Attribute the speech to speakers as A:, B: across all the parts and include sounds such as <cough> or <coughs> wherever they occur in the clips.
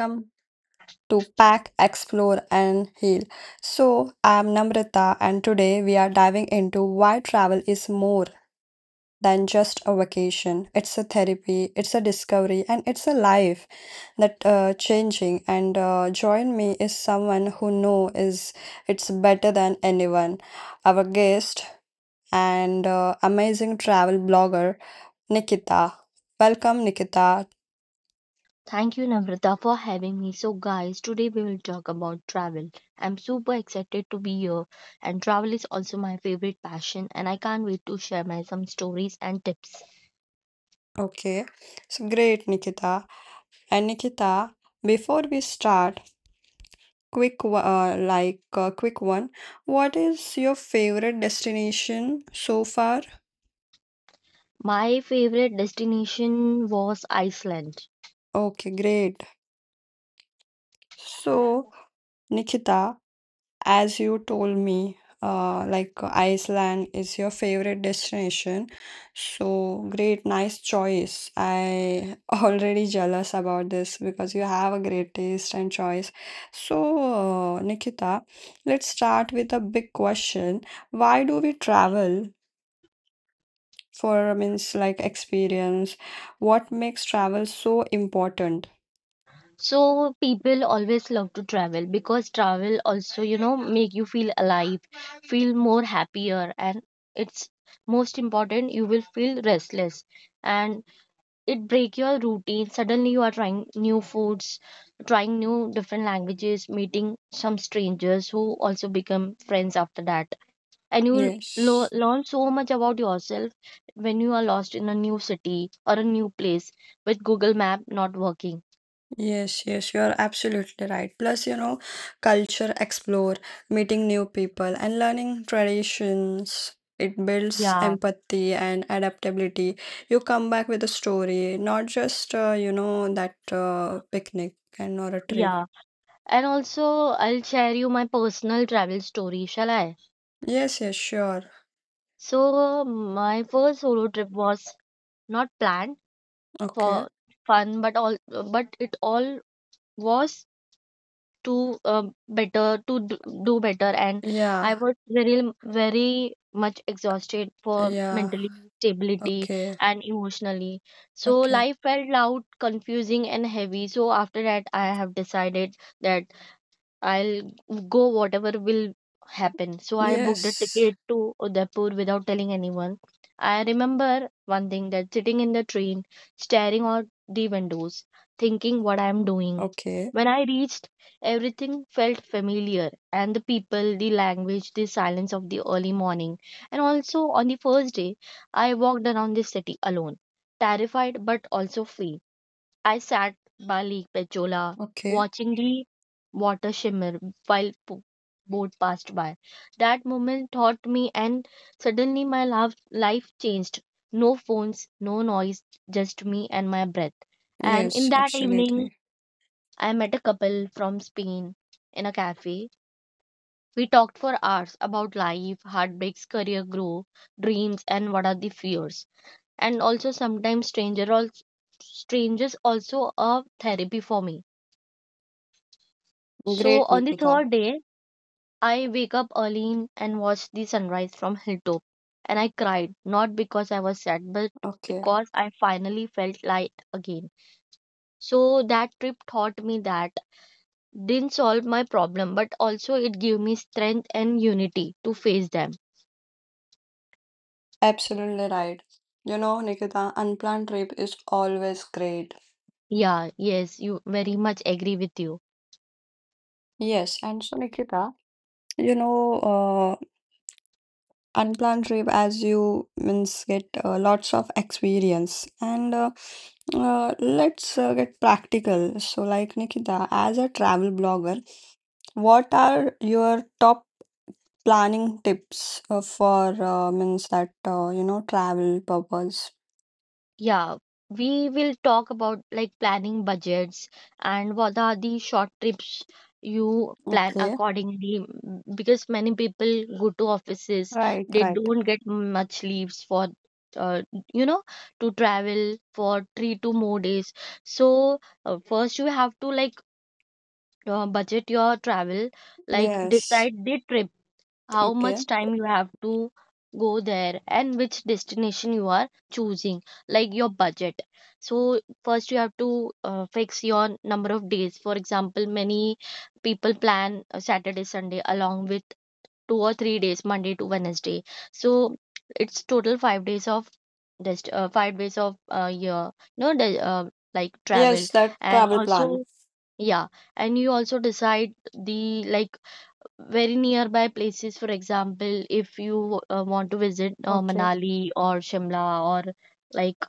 A: Welcome to Pack, Explore and Heal. So, I'm Namrata, and today we are diving into why travel is more than just a vacation. It's a therapy, it's a discovery, and it's a life that changing. And join me is someone who know is it's better than anyone. Our guest and amazing travel blogger Nikita. Welcome, Nikita.
B: Thank you, Namrata, for having me. So, guys, today we will talk about travel. I'm super excited to be here, and travel is also my favorite passion, and I can't wait to share my some stories and tips.
A: Okay, so great, Nikita. And Nikita, before we start, quick wa- like quick one. What is your favorite destination so far?
B: My favorite destination was Iceland.
A: Okay, great. So, Nikita, as you told me, Iceland is your favorite destination. So great, nice choice. I <laughs> already jealous about this because you have a great taste and choice. So, Nikita, let's start with a big question. Why do we travel? For means like experience, what makes travel so important?
B: So people always love to travel, because travel also, make you feel alive, feel more happier, and it's most important you will feel restless and it break your routine. Suddenly you are trying new foods, trying new different languages, meeting some strangers who also become friends after that, and you
A: Yes,
B: learn so much about yourself when you are lost in a new city or a new place with Google map not working.
A: yes, yes, you are absolutely right. Plus, you know, culture explore, meeting new people and learning traditions. It builds
B: Yeah,
A: empathy and adaptability. You come back with a story, not just, that picnic and or a trip.
B: yeah. And also I'll share you my personal travel story, shall I?
A: Yes, yes, sure.
B: So my first solo trip was not planned
A: Okay.
B: for fun, but it all was to better to do better. And I
A: Yeah,
B: was very, very much exhausted for
A: yeah.
B: mentally stability
A: Okay,
B: and emotionally, so
A: okay.
B: life felt loud, confusing and heavy. So after that I have decided that I'll go whatever will happen. So I booked a
A: Yes.
B: ticket to Udaipur without telling anyone. I remember one thing, that sitting in the train, staring out the windows, thinking what I'm doing.
A: Okay,
B: When I reached, everything felt familiar, and the people, the language, the silence of the early morning. And also on the first day, I walked around the city alone, terrified but also free. I sat by Lake Pechola,
A: okay.
B: watching the water shimmer while boat passed by. That moment taught me, and suddenly my life changed. No phones, no noise, just me and my breath. And in
A: Yes,
B: that evening,
A: absolutely.
B: I met a couple from Spain in a cafe. We talked for hours about life, heartbreaks, career growth, dreams, and what are the fears. And also, sometimes strangers also a therapy for me. So
A: Great,
B: on the
A: Nikita.
B: third day, I wake up early and watch the sunrise from hilltop, and I cried, not because I was sad, but
A: Okay,
B: because I finally felt light again. So that trip taught me that didn't solve my problem, but also it gave me strength and unity to face them.
A: absolutely right. You know, Nikita, unplanned trip is always great.
B: Yeah, yes, you very much agree with you.
A: Yes, and so, Nikita, you know, unplanned trip as you means get lots of experience and let's get practical. So, like Nikita, as a travel blogger, what are your top planning tips for means that you know travel purpose?
B: Yeah, we will talk about, like, planning budgets and what are the short trips you plan
A: Okay.
B: accordingly, because many people go to offices,
A: Right,
B: they
A: right.
B: don't get much leaves for uh, you know to travel for 3 to more days. So first you have to, like, budget your travel, like
A: Yes.
B: decide the trip how
A: Okay.
B: much time you have to go there and which destination you are choosing, like your budget. So first you have to fix your number of days. For example, many people plan a Saturday, Sunday along with 2 or 3 days Monday to Wednesday, so it's total 5 days of just 5 days of year, no the, like travel.
A: Yes, that
B: And
A: travel plan.
B: also, yeah, and you also decide the, like, very nearby places. For example, if you want to visit
A: Okay.
B: Manali or Shimla or, like,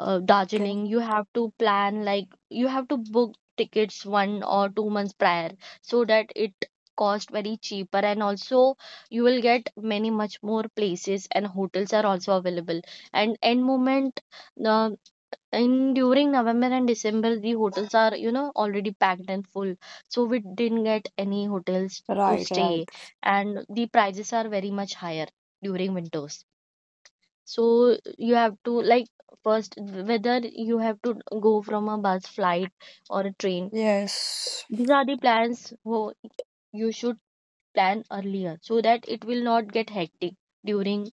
A: Okay.
B: Darjeeling, you have to plan, like, you have to book tickets 1 or 2 months prior so that it cost very cheaper, and also you will get many much more places and hotels are also available. And end moment, uh, in during November and December, the hotels are, already packed and full. So we didn't get any hotels to
A: Right, right.
B: stay. And the prices are very much higher during winters. So you have to, like, first, whether you have to go from a bus, flight, or a train,
A: Yes.
B: these are the plans who you should plan earlier so that it will not get hectic during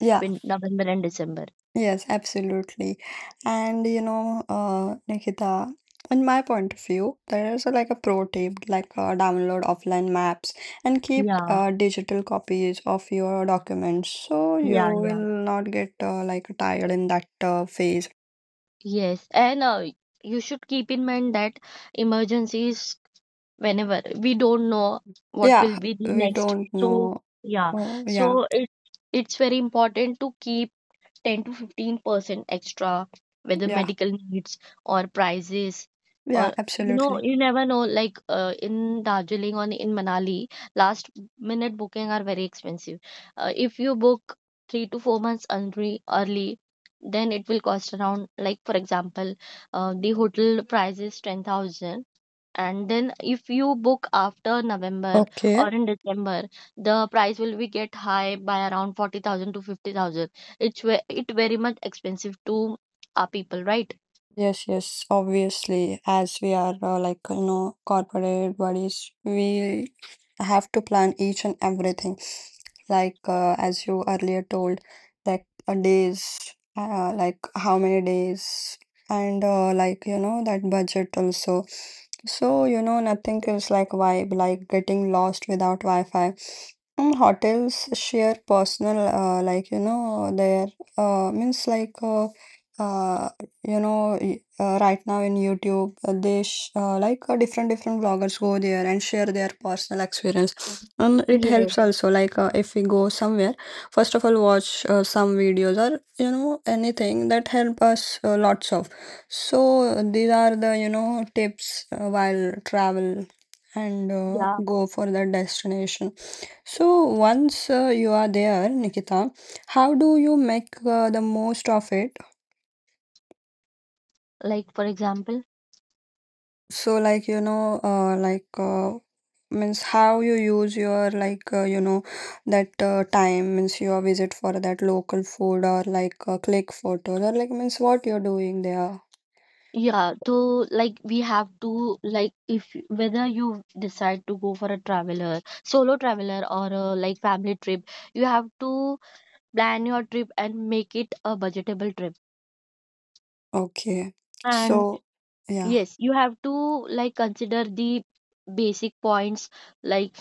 A: Yeah.
B: November and December.
A: Yes, absolutely. And you know, Nikita, in my point of view, there is a, like a pro tip, like download offline maps and keep
B: Yeah,
A: digital copies of your documents, so
B: yeah,
A: you
B: yeah.
A: will not get like tired in that phase.
B: Yes, and you should keep in mind that emergencies, whenever we don't know what
A: Yeah,
B: will be the
A: we
B: next.
A: don't
B: So,
A: know.
B: yeah,
A: Oh, yeah,
B: so it's very important to keep 10 to 15% extra, whether
A: yeah,
B: medical needs or prices, or
A: yeah, absolutely.
B: you never know, like in Darjeeling or in Manali last minute booking are very expensive. If you book 3 to 4 months early, then it will cost around, like for example, the hotel price is 10,000, and then if you book after November
A: Okay.
B: or in December, the price will be get high by around 40,000 to 50,000. It's it very much expensive to our people, right?
A: Yes, yes, obviously, as we are like you know corporate bodies, we have to plan each and everything. Like as you earlier told, like days, like how many days, and like you know that budget also. So you know nothing is like vibe, like getting lost without Wi-Fi. Hotels share personal, like you know their means like. Uh, right now in youtube they like different different vloggers go there and share their personal experience,
B: Uh,
A: and it
B: Yes,
A: helps also like if we go somewhere, first of all watch some videos or you know anything that help us lots of, so these are the you know tips while travel and
B: yeah.
A: go for that destination. So once you are there, Nikita, how do you make the most of it?
B: Like for example,
A: So like you know like means how you use your like you know that time means your visit for that local food or like click photos or like means what you're doing there.
B: yeah. So, like, we have to, like, if whether you decide to go for a traveler, solo traveler or a, like, family trip, you have to plan your trip and make it a budgetable trip.
A: Okay.
B: And
A: So yeah,
B: yes, you have to, like, consider the basic points, like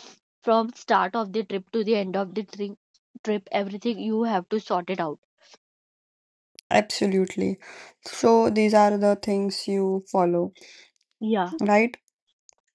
B: from start of the trip to the end of the trip, everything you have to sort it out.
A: absolutely. So these are the things you follow,
B: Yeah,
A: right?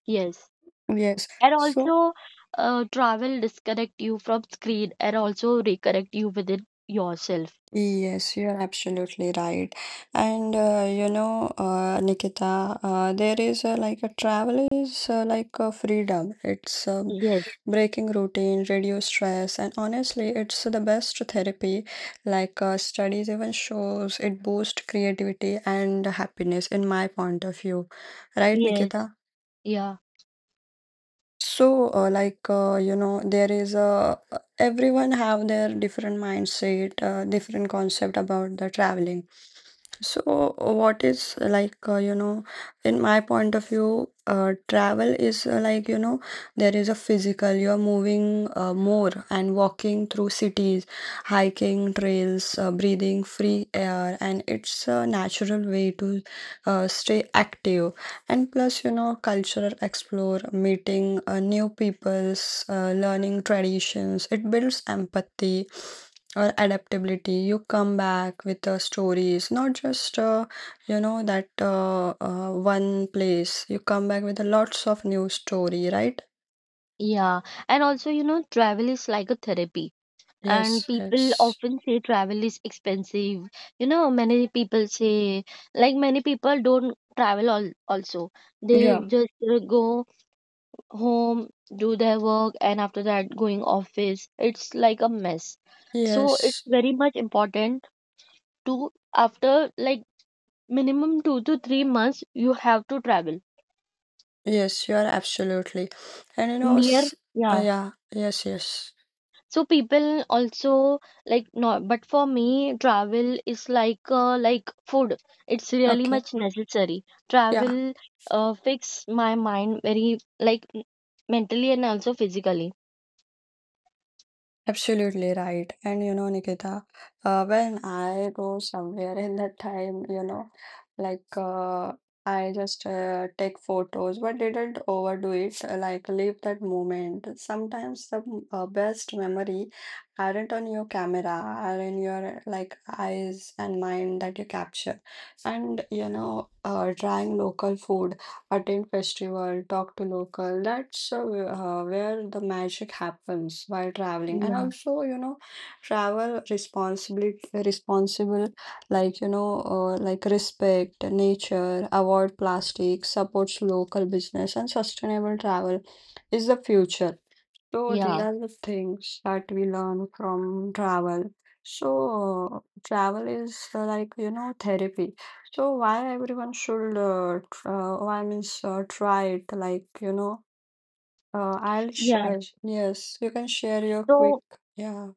B: yes,
A: Yes.
B: and
A: So
B: also travel disconnect you from screen and also reconnect you within yourself.
A: yes, you're absolutely right. And you know, Nikita, there is like a travel is like a freedom. It's
B: Yes,
A: breaking routine, reduce stress, and honestly, it's the best therapy. Like studies even shows it boosts creativity and happiness, in my point of view. Right,
B: yes,
A: Nikita?
B: yeah,
A: So, like you know, there is a everyone have their different mindset, different concept about the traveling. So, what is like you know, in my point of view, travel is like you know, there is a physical. You are moving more and walking through cities, hiking trails, breathing free air, and it's a natural way to stay active and plus, you know, cultural explore, meeting new peoples, learning traditions, it builds empathy or adaptability. You come back with stories, not just, you know, that one place. You come back with a lots of new story, right?
B: yeah. And also, travel is like a therapy, and
A: Yes,
B: people
A: yes.
B: often say travel is expensive. Many people say, like, many people don't travel, also they
A: Yeah.
B: just go home, do their work, and after that going office it's like a mess. So it's
A: Yes,
B: very much important to after, like, minimum 2 to 3 months you have to travel
A: yes, you are absolutely. And you know,
B: near. Yeah.
A: yeah, yes, yes.
B: So people also, like, no, but for me travel is like food, it's really
A: Okay.
B: much necessary.
A: Yeah.
B: Travel fix my mind very, like, mentally and also physically.
A: Absolutely right. And you know, Nikita, when I go somewhere in that time, you know, like I just take photos, but didn't overdo it, like leave that moment. Sometimes the best memory aren't on your camera, are in your like eyes and mind that you capture. And you know, trying local food attend festival, talk to local. That's where the magic happens while traveling. And
B: Yeah,
A: also, you know, travel responsibly, responsible, like you know, like respect nature, avoid plastic, supports local business, and sustainable travel is the future. So these
B: yeah.
A: are the things that we learn from travel. So uh, travel is like you know therapy. So why everyone should once try it? Like you know, I'll
B: Yeah.
A: yes, you can share your
B: so
A: quick yeah.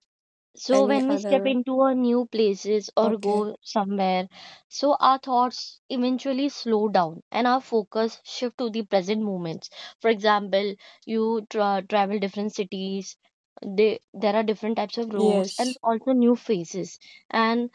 B: So
A: Any
B: when we step
A: other?
B: into a new places or
A: Okay.
B: go somewhere, so our thoughts eventually slow down and our focus shift to the present moments. For example, you travel different cities, there are different types of roads and
A: Yes.
B: also new faces, and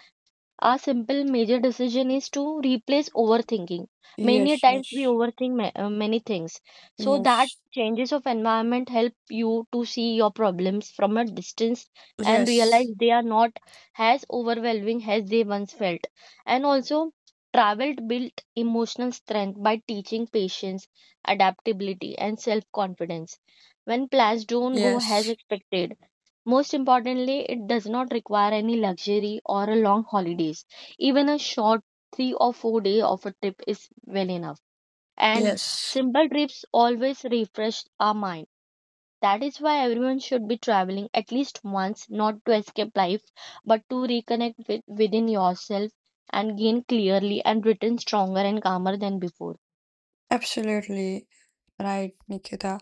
B: a simple major decision is to replace overthinking. Many a
A: Yes.
B: times we
A: Yes.
B: overthink many things. So that
A: Yes.
B: changes of environment help you to see your problems from a distance and realize
A: Yes.
B: they are not as overwhelming as they once felt. And also travel built emotional strength by teaching patience, adaptability and self-confidence. When plans don't go as
A: Yes.
B: expected, most importantly, it does not require any luxury or a long holidays. Even a short 3 or 4 day of a trip is well enough. And
A: Yes.
B: simple trips always refresh our mind. That is why everyone should be traveling at least once, not to escape life, but to reconnect within yourself and gain clearly and return stronger and calmer than before.
A: Absolutely right, Nikita.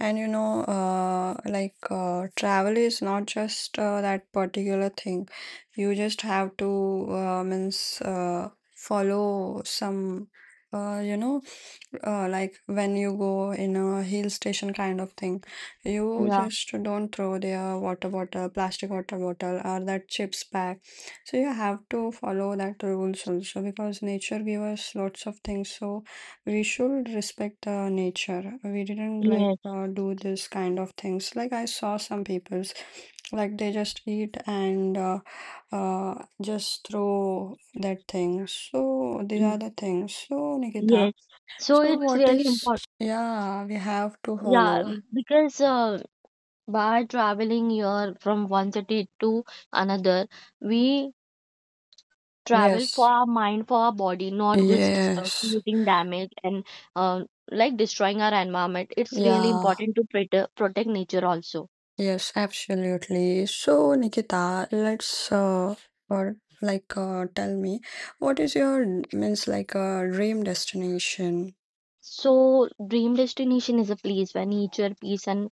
A: And you know, like travel is not just that particular thing. You just have to means follow some, you know, like when you go in a hill station kind of thing, you
B: Yeah.
A: just don't throw their water bottle, plastic water bottle, or that chips bag. So you have to follow that rules also because nature gives us lots of things. So we should respect the nature. We didn't like
B: Yes.
A: do this kind of things. Like I saw some people's, like they just eat and uh, just throw that thing. So these
B: y-
A: are the things. So Nikita.
B: Yes. So
A: So
B: it's
A: what
B: really
A: is
B: important.
A: yeah, we have to
B: Yeah,
A: follow.
B: because by traveling here from one city to another, we travel for
A: Yes.
B: our mind, for our body, not just
A: Yes.
B: creating damage and uh, like destroying our environment. It's really
A: Yeah.
B: important to protect nature also.
A: Yes, absolutely. So Nikita, let's or like tell me, what is your means like a dream destination?
B: So dream destination is a place where nature, peace and,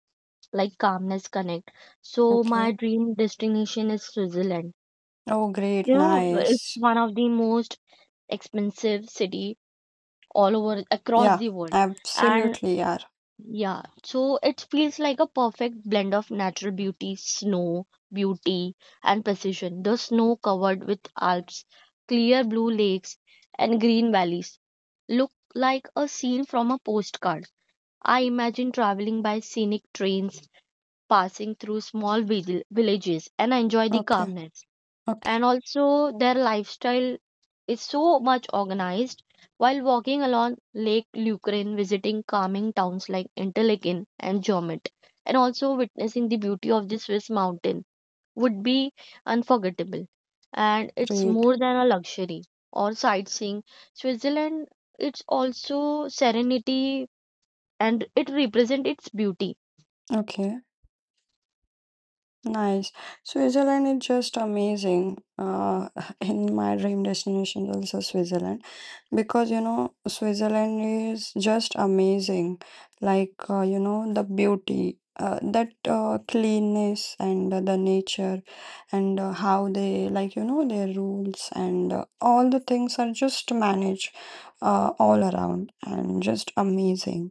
B: like, calmness connect. So my
A: Okay.
B: dream destination is Switzerland.
A: Oh
B: you
A: great,
B: know it's
A: nice.
B: one of the most expensive city all over across
A: Yeah,
B: the world. And
A: absolutely, yeah.
B: yeah, so it feels like a perfect blend of natural beauty, snow, beauty, and precision. The snow covered with Alps, clear blue lakes, and green valleys look like a scene from a postcard. I imagine traveling by scenic trains, passing through small villages, and I enjoy the
A: Okay,
B: calmness,
A: okay,
B: and also their lifestyle is so much organized. While walking along Lake Lucerne, visiting calming towns like Interlaken and Jommet, and also witnessing the beauty of the Swiss mountain would be unforgettable. And it's
A: great.
B: more than a luxury or sightseeing. Switzerland, it's also serenity and it represents its beauty.
A: Okay. Nice. Switzerland is just amazing. <laughs> In my dream destination is also Switzerland because you know Switzerland is just amazing. Like you know the beauty, that cleanness and the nature and how they like you know their rules and all the things are just managed all around and just amazing.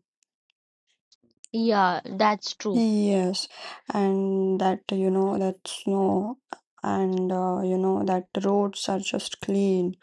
B: Yeah, that's true.
A: Yes, and that you know that snow and you know that roads are just clean.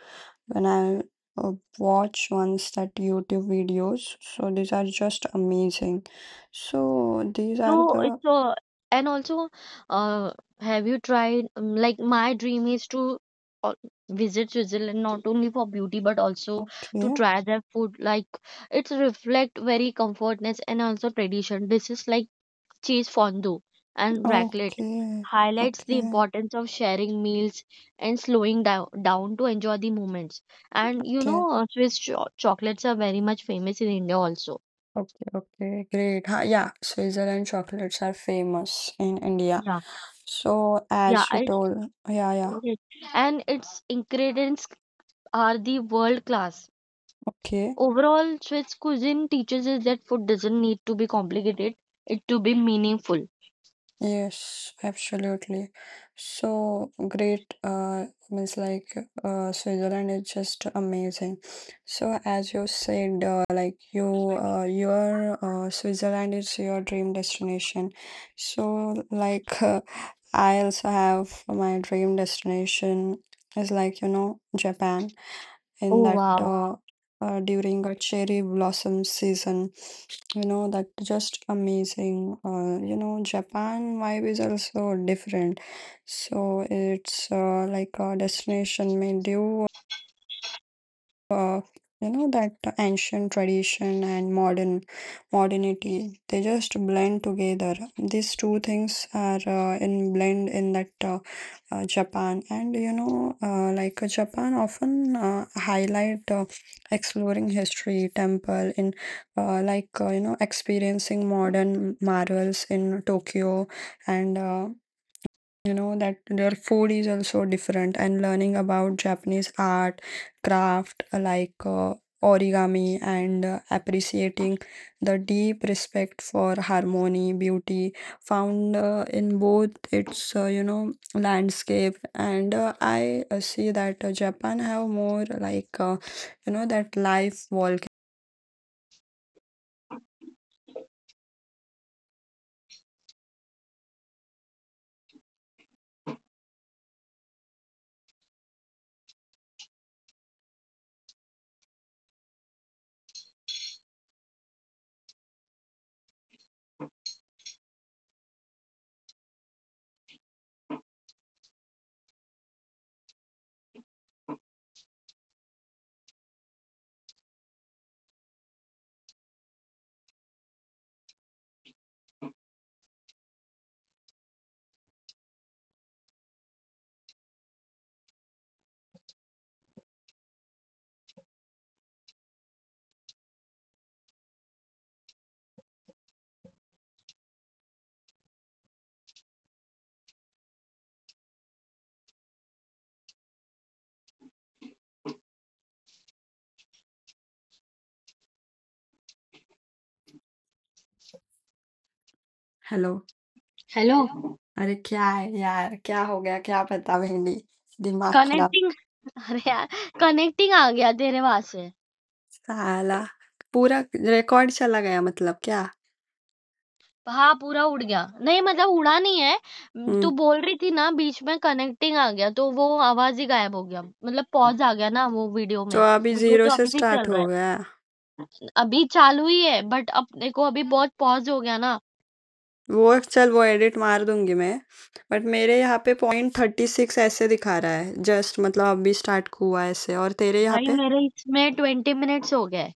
A: When I uh, watch once that YouTube videos, so these are just amazing. So these are
B: So
A: the
B: it's and also uh, have you tried like my dream is to uh, visit Switzerland not only for beauty but also to
A: okay,
B: try their food, like it's reflect very comfortness and also tradition. This is like cheese fondue and raclette
A: okay,
B: highlights the
A: okay,
B: importance of sharing meals and slowing down to enjoy the moments. And
A: okay,
B: Swiss chocolates are very much famous in India also.
A: okay, okay, great. Ha, yeah, Switzerland chocolates are famous in India.
B: Yeah,
A: So
B: yeah.
A: as you
B: I.
A: told, yeah, yeah,
B: Correct. And its ingredients are the world class.
A: okay.
B: Overall, Swiss cuisine teaches us that food doesn't need to be complicated, it to be meaningful.
A: Yes, absolutely. So great, means like Switzerland is just amazing. So as you said, like you, your Switzerland is your dream destination. So like I also have my dream destination is like you know Japan in
B: Oh
A: that
B: wow.
A: during a cherry blossom season. You know, that just amazing. You know, Japan vibe is also different. So it's like a destination made you, you know, that ancient tradition and modernity. They just blend together. These two things are in blend in that Japan. And you know, like Japan often highlight exploring history, temple, like you know experiencing modern marvels in Tokyo and you know that their food is also different and learning about Japanese art craft like origami and appreciating the deep respect for harmony beauty found in both its you know landscape and I see that Japan have more like you know that life volcano. Hello.
B: Hello,
A: hello. अरे क्या है यार? क्या हो गया? क्या पता भेंडी? दिमाग खराब।
B: कनेक्टिंग <laughs> अरे यार, कनेक्टिंग आ गया तेरे वहां से?
A: साला पूरा रिकॉर्ड चला गया मतलब क्या?
B: हाँ, पूरा उड़ गया? नहीं, मतलब उड़ा नहीं है।
A: हुँ,
B: तू बोल रही थी ना बीच में कनेक्टिंग आ गया, तो वो आवाज ही गायब हो गया, मतलब पॉज आ गया ना। वो वीडियो
A: तो
B: में,
A: अभी
B: वीडियो
A: ज़ीरो
B: तो
A: से
B: अभी भी
A: स्टार्ट
B: चल रहा
A: हो
B: है,
A: गया।
B: अभी चालू ही है, बट अपने को अभी बहुत पॉज हो गया ना
A: वो चल वो एडिट मार दूँगी मैं, बट मेरे यहाँ पे पॉइंट 36 ऐसे दिखा रहा है। जस्ट मतलब अभी स्टार्ट हुआ है ऐसे और तेरे यहाँ
B: भाई,
A: पे
B: मेरे इसमें 20 मिनट्स हो गए।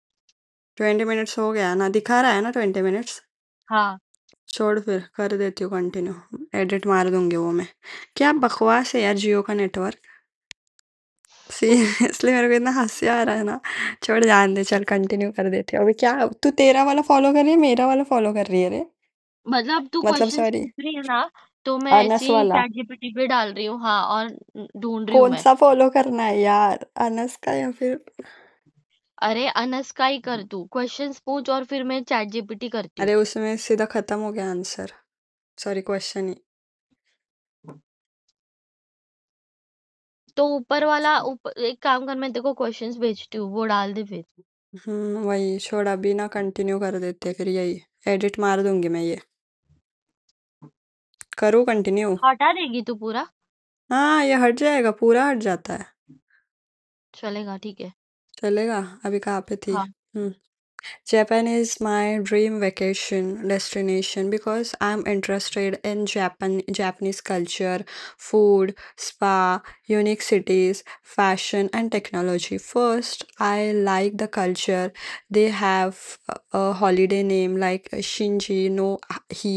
A: 20 मिनट्स हो गया ना? दिखा रहा है ना 20 मिनट्स?
B: हाँ।
A: छोड़ फिर, कर देती हूँ कंटिन्यू। एडिट मार दूँगी वो मैं। क्या बकवास है यार जियो का नेटवर्क। सी <laughs> इसलिए मेरे को इतना हँसी आ रहा है ना, छोड़ जान दे चल कंटिन्यू कर देते हैं। अभी क्या तू तेरा वाला फ़ॉलो कर रही है, मेरा वाला फ़ॉलो कर रही है रे?
B: मतलब तू
A: मतलब
B: क्वेश्चंस
A: सॉरी
B: पूछ रही है ना, तो मैं ऐसे
A: अनस
B: ही
A: वाला।
B: चैटजीपीटी पे डाल रही हूँ, हाँ, और ढूँढ रही हूँ मैं।
A: कौन-सा फ़ॉलो करना है यार, अनस का या फिर
B: अरे अनस का ही कर तू, क्वेश्चंस पूछ और फिर मैं चैटजीपीटी करती
A: अरे
B: हूँ।
A: उसमें सीधा ख़त्म हो गया आंसर। सॉरी क्वेश्चन ही।
B: तो ऊपर वाला उप एक काम कर, मैं तेरे को क्वेश्चंस भेजती हूँ, वो डाल दे फिर।
A: वही छोड़ अभी ना, कंटिन्यू कर देते हैं फिर यही, एडिट मार दूँगी मैं ये। करूँ कंटिन्यू?
B: हटा देगी तू पूरा?
A: हाँ, ये हट जाएगा, पूरा हट जाता है।
B: चलेगा, ठीक है।
A: चलेगा? अभी कहाँ पे थी?
B: हाँ।
A: Hmm. Japan is my dream vacation destination because I'm interested in Japan, Japanese culture, food, spa, unique cities, fashion, and technology. First, I like the culture. They have a holiday name like Shinji no Hi.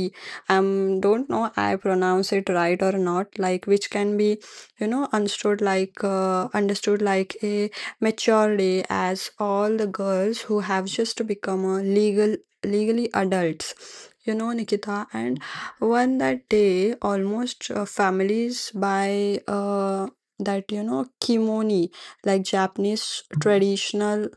A: Don't know I pronounce it right or not. Like which can be, you know, understood like a maturely as all the girls who have just become a legally adults, you know, Nikita, and one that day almost families buy that you know kimono like Japanese traditional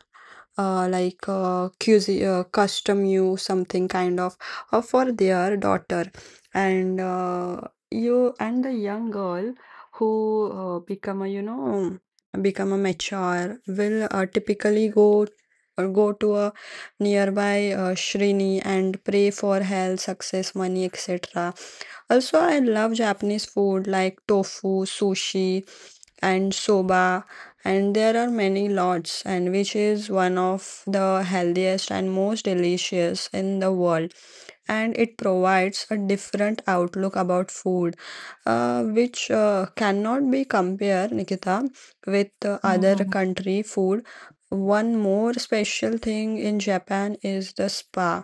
A: custom, you something kind of for their daughter, and you and the young girl who uh, become a you know become a mature will typically go to a nearby Shrini and pray for health, success, money, etc. Also, I love Japanese food like tofu, sushi, and soba, and there are many lots, and which is one of the healthiest and most delicious in the world. And it provides a different outlook about food, which cannot be compared, Nikita, with
B: hmm,
A: other
B: hmm.
A: country food. One more special thing in Japan is the spa,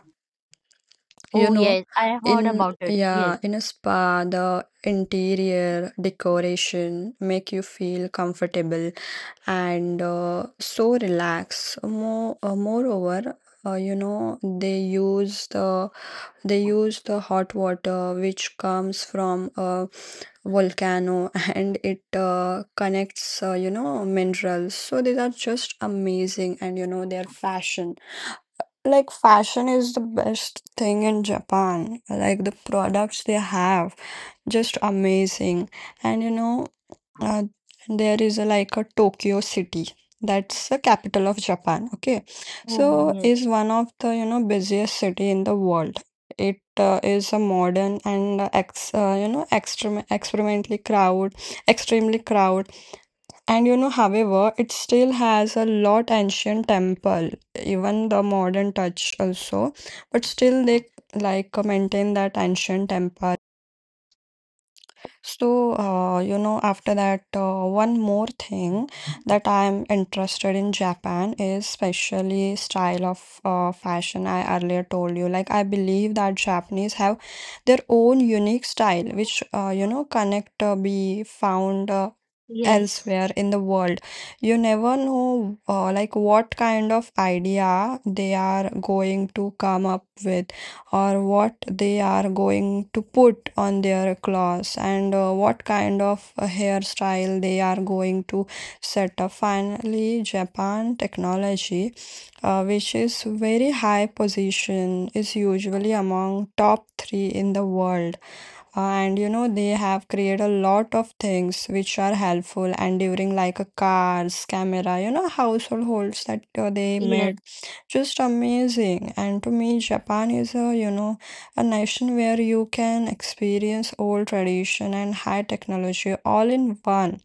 A: you
B: oh
A: know,
B: yes, I have heard
A: in
B: about it. Yes.
A: yeah, in a spa, the interior decoration make you feel comfortable and so relaxed. Moreover, uh, you know, they use the they use the hot water which comes from a volcano <laughs> and it connects, minerals. So these are just amazing, and you know, their fashion is the best thing in Japan. Like the products they have, just amazing. And you know, uh, there is a Tokyo city. That's the capital of Japan. Okay,
B: oh
A: so
B: yes,
A: is one of the busiest city in the world. It is a modern and ex you know extreme experimentally crowd extremely crowd, and you know, however, it still has a lot ancient temple, even the modern touch also. But still, they like maintain that ancient temple. So, after that, one more thing that I'm interested in Japan is especially style of fashion. I earlier told you, like I believe that Japanese have their own unique style, which connect be found
B: yes,
A: elsewhere in the world. You never know, like what kind of idea they are going to come up with, or what they are going to put on their clothes, and what kind of hairstyle they are going to set up. Finally, Japan technology, which is very high position, is usually among top three in the world. And you know they have created a lot of things which are helpful, and during like a cars, camera, you know, household holds that they
B: yes,
A: made just amazing. And to me, Japan is a nation where you can experience old tradition and high technology all in one.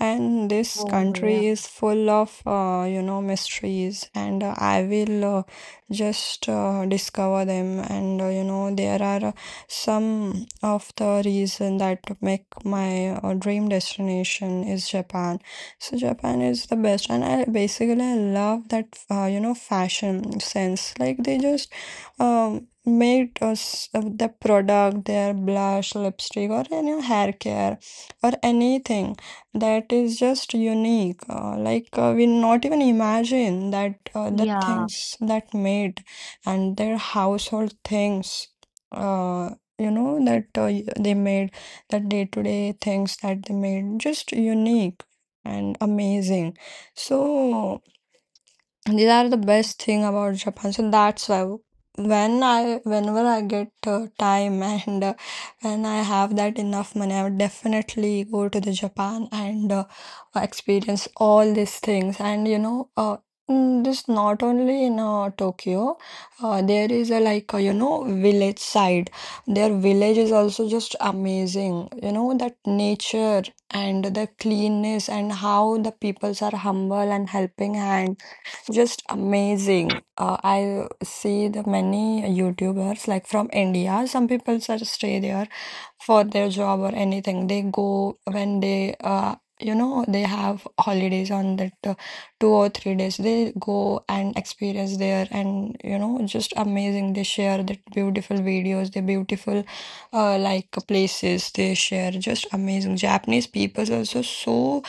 A: And this
B: oh yeah,
A: country is full of mysteries, and I will just discover them. And there are some of the reason that make my dream destination is Japan. So Japan is the best, and I basically I love that fashion sense. Like they just made us the product, their blush, lipstick, or any hair care, or anything that is just unique. We not even imagine that the
B: या,
A: things that made and their household things. uh they made that day-to-day things that they made just unique and amazing. So these are the best thing about Japan. So that's why whenever I get time and when I have that enough money, I would definitely go to the Japan and experience all these things. And you know, this not only in Tokyo, there is a like village side. Their village is also just amazing. You know that nature and the cleanness and how the peoples are humble and helping hand just amazing. I see the many YouTubers like from India. Some people just stay there for their job or anything. They go when they you know they have holidays on that 2 or 3 days. They go and experience there, and you know just amazing. They share the beautiful videos, the beautiful like places they share. Just amazing. Japanese people are also so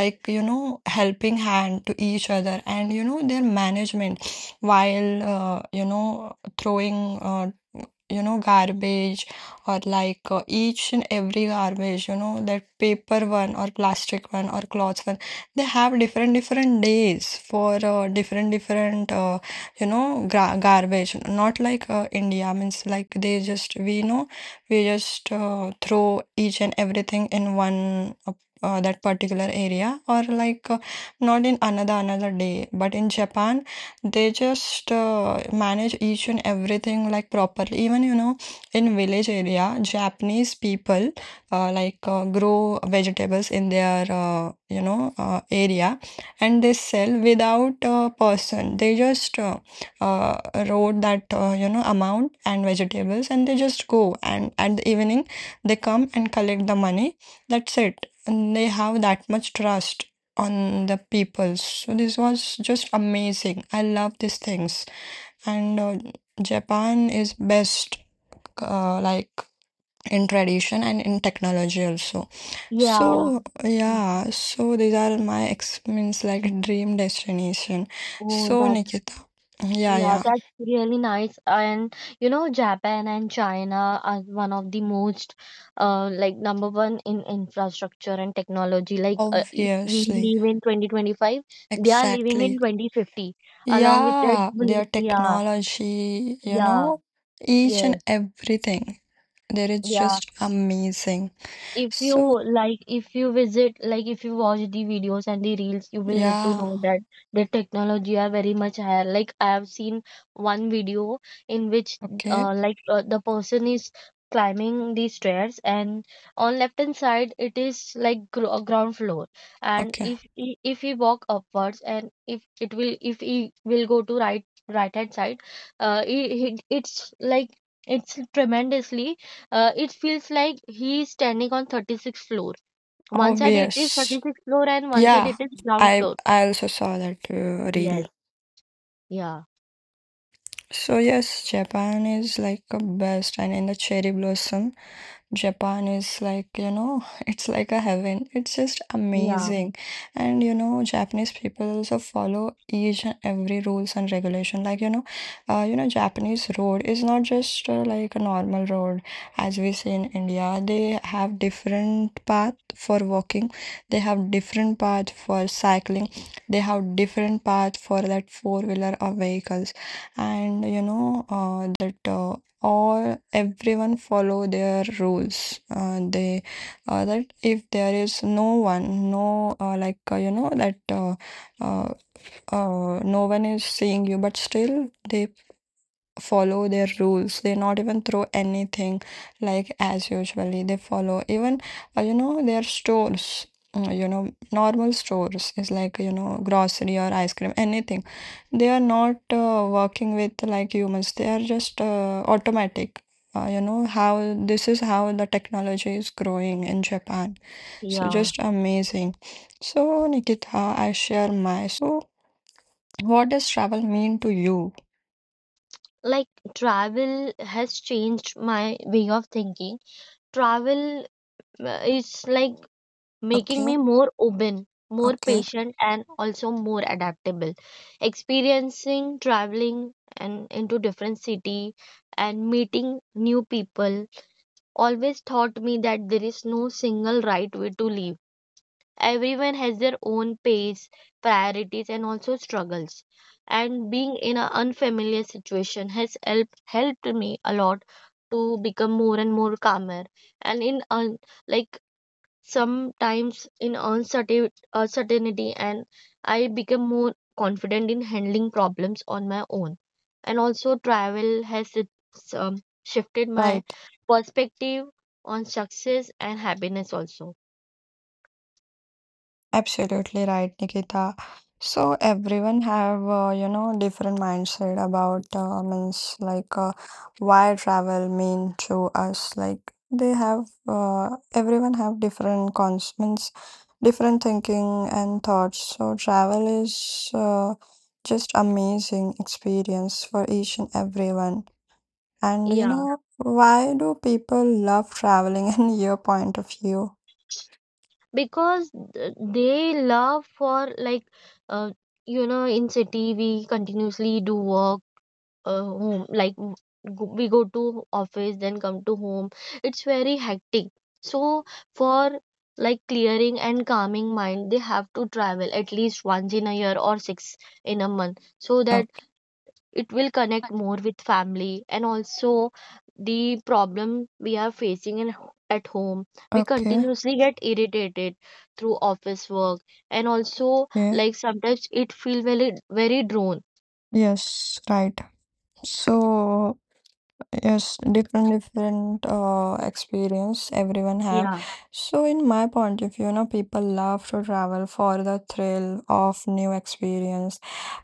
A: like you know helping hand to each other, and you know their management while throwing garbage, or like each and every garbage, you know, that paper one or plastic one or cloth one. They have different different days for different different garbage, not like India. Means like they just, we know, we just throw each and everything in one that particular area, or like not in another another day. But in Japan they just manage each and everything like properly. Even you know in village area, Japanese people grow vegetables in their area, and they sell without a person. They just uh, wrote that amount and vegetables, and they just go, and at the evening they come and collect the money. That's it. And they have that much trust on the people. So this was just amazing. I love these things, and Japan is best like in tradition and in technology also.
B: या,
A: So yeah, so these are my ex means like dream destination.
B: Oh
A: So
B: that,
A: Nikita, yeah,
B: Yeah,
A: yeah,
B: that's really nice. And Japan and China are one of the most, like number one in infrastructure and technology. Like, if we
A: obviously,
B: live in 2025, they are living in
A: exactly.
B: 2050, along with that
A: Yeah,
B: bullet.
A: their
B: Yeah,
A: technology, you
B: yeah,
A: know, each
B: yes,
A: and everything. There is
B: yeah.
A: just amazing.
B: if you
A: So,
B: if you visit, like if you watch the videos and the reels, you will get to
A: yeah,
B: know that the technology are very much higher. Like I have seen one video in which
A: okay,
B: like the person is climbing the stairs, and on left hand side it is like ground floor, and
A: okay.
B: if he walk upwards, and if he will go to right hand side. It's like it's tremendously, it feels like he is standing on 36th floor. One side it is
A: Obvious.
B: 36th floor and one side
A: Yeah,
B: it is ground
A: I
B: floor.
A: I also saw that reel.
B: Yes. Yeah.
A: So yes, Japan is like a best, and in the cherry blossom, Japan is like, you know, <laughs> it's like a heaven. It's just
B: Yeah.
A: amazing. And you know, Japanese people also follow each and every rules and regulation. Like, you know, Japanese road is not just like a normal road as we see in India. They have different path for walking. They have different path for cycling. They have different path for that four wheeler or vehicles. And you know that all everyone follow their rules, they that if there is no one, no like you know that uh, no one is seeing you, but still they follow their rules. They not even throw anything like as usually they follow. Even their stores, normal stores is like you know grocery or ice cream, anything. They are not working with like humans, they are just automatic. How this is how the technology is growing in Japan. So
B: Yeah.
A: just amazing. So Nikita, I share my. So what does travel mean to you?
B: Like, travel has changed my way of thinking. Travel is like making
A: Okay,
B: me more open, more
A: okay.
B: patient, and also more adaptable. Experiencing traveling and into different city and meeting new people always taught me that there is no single right way to live. Everyone has their own pace, priorities, and also struggles. And being in an unfamiliar situation has helped me a lot to become more and more calmer. And like sometimes in uncertainty, and I become more confident in handling problems on my own. And also travel has it's, shifted my
A: Right.
B: perspective on success and happiness also,
A: Absolutely right, Nikita. So everyone have different mindset about means like why travel mean to us. Like they have everyone have different cons means different thinking and thoughts. So travel is just amazing experience for each and everyone. And you
B: yeah,
A: know why do people love traveling <laughs> and your point of view?
B: because they love for, like, uh, in city we continuously do work, home, like we go to office then come to home, it's very hectic. So for like clearing and calming mind, they have to travel at least once in a year or six in a month, so that
A: Okay.
B: it will connect more with family. And also the problem we are facing at home, we
A: Okay.
B: continuously get irritated through office work, and also,
A: Yeah.
B: like, sometimes it feel very very drawn,
A: Yes, right. So, yes, different different experience everyone have.
B: yeah,
A: So in my point of view, you know, people love to travel for the thrill of new experience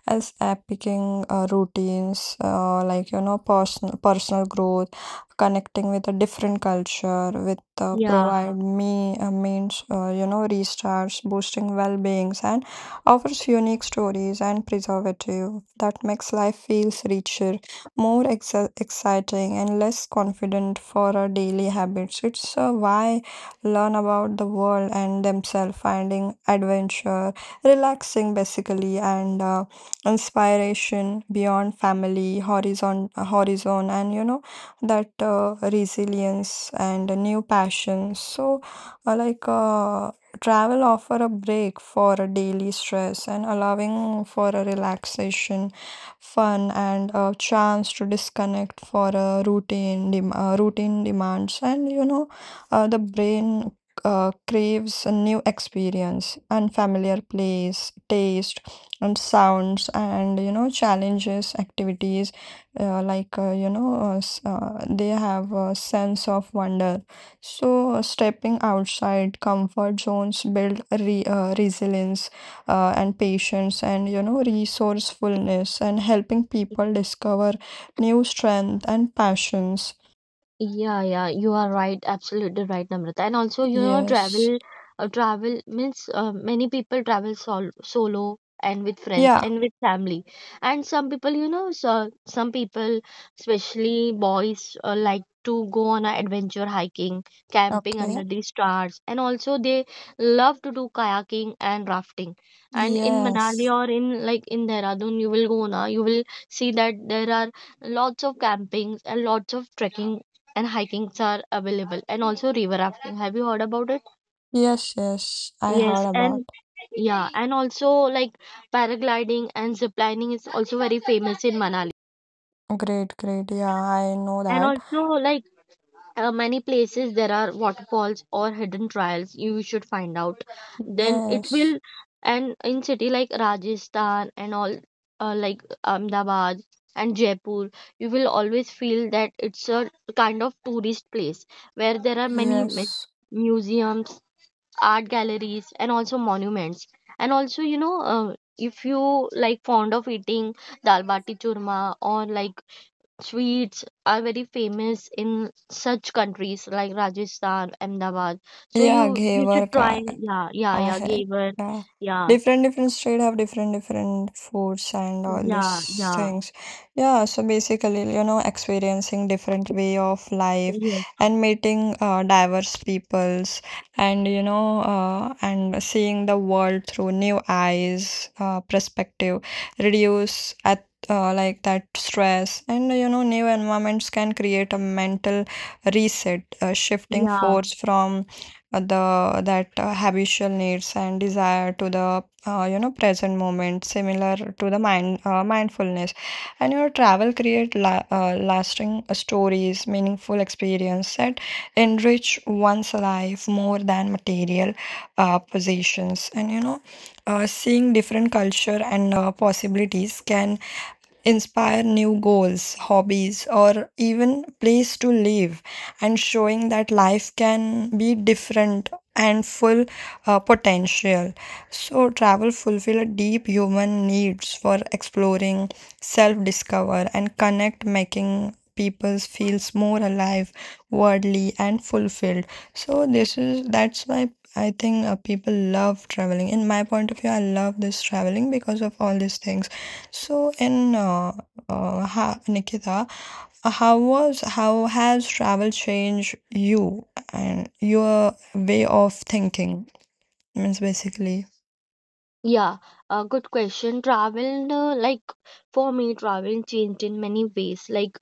A: as app picking routines, like you know, personal growth, connecting with a different culture, with
B: yeah.
A: provide me means restarts, boosting well beings, and offers unique stories and preservative that makes life feels richer, more exciting, and less confident for our daily habits. It's why learn about the world and themselves, finding adventure relaxing basically, and inspiration beyond family horizon, and you know that resilience and a new passion. So uh, like uh, travel offer a break for a daily stress and allowing for a relaxation fun and a chance to disconnect for a routine demands. And you know the brain craves a new experience, unfamiliar place, taste and sounds, and you know challenges activities, they have a sense of wonder. So stepping outside comfort zones build resilience, and patience and you know resourcefulness, and helping people discover new strength and passions.
B: Yeah, yeah, you are right, absolutely right, Namrata. And also,
A: Yes,
B: travel, travel means many people travel solo and with friends
A: yeah,
B: and with family. And some people, you know, so, some people, especially boys, like to go on an adventure hiking, camping
A: okay,
B: under the stars, and also they love to do kayaking and rafting. And in Manali
A: yes,
B: or in Dehradun, you will go na, you will see that there are lots of campings and lots of trekking and hikings are available, and also river rafting, have you heard about it?
A: yes, yes, I
B: Yes,
A: heard about.
B: and yeah, and also like paragliding and ziplining is also very famous in Manali.
A: Great, great. Yeah, I know
B: And
A: that.
B: also, like, many places there are waterfalls or hidden trails you should find out, then it
A: Yes,
B: will. And in city like Rajasthan and all, like Ahmedabad and Jaipur, you will always feel that it's a kind of tourist place where there are many mu-
A: yes.
B: museums art galleries, and also monuments. And also if you like fond of eating dal bati churma, or like sweets are very famous in such countries like Rajasthan, Ahmedabad, so you
A: Yeah,
B: you should
A: Ghevar
B: try.
A: Khan.
B: Yeah, yeah,
A: I
B: yeah,
A: had,
B: gaver,
A: yeah.
B: yeah,
A: Different different state have different different foods and all
B: yeah,
A: these
B: yeah,
A: things. Yeah, so basically, you know, experiencing different way of life
B: yes,
A: and meeting diverse peoples and and seeing the world through new eyes, perspective, reduce at like that stress, and you know new environments can create a mental reset, a shifting
B: yeah,
A: force from the that habitual needs and desire to the present moment similar to the mind mindfulness. And your travel create la lasting stories, meaningful experience that enrich one's life more than material possessions. And seeing different culture and possibilities can inspire new goals, hobbies, or even place to live, and showing that life can be different and full potential. So travel fulfill a deep human needs for exploring, self discover, and connect, making people feels more alive, worldly, and fulfilled. So this is, that's why I think people love traveling. In my point of view, I love this traveling because of all these things. So in Nikita, how was, how has travel changed you and your way of thinking, means basically?
B: yeah. Good question. Travel, like for me, travel changed in many ways, like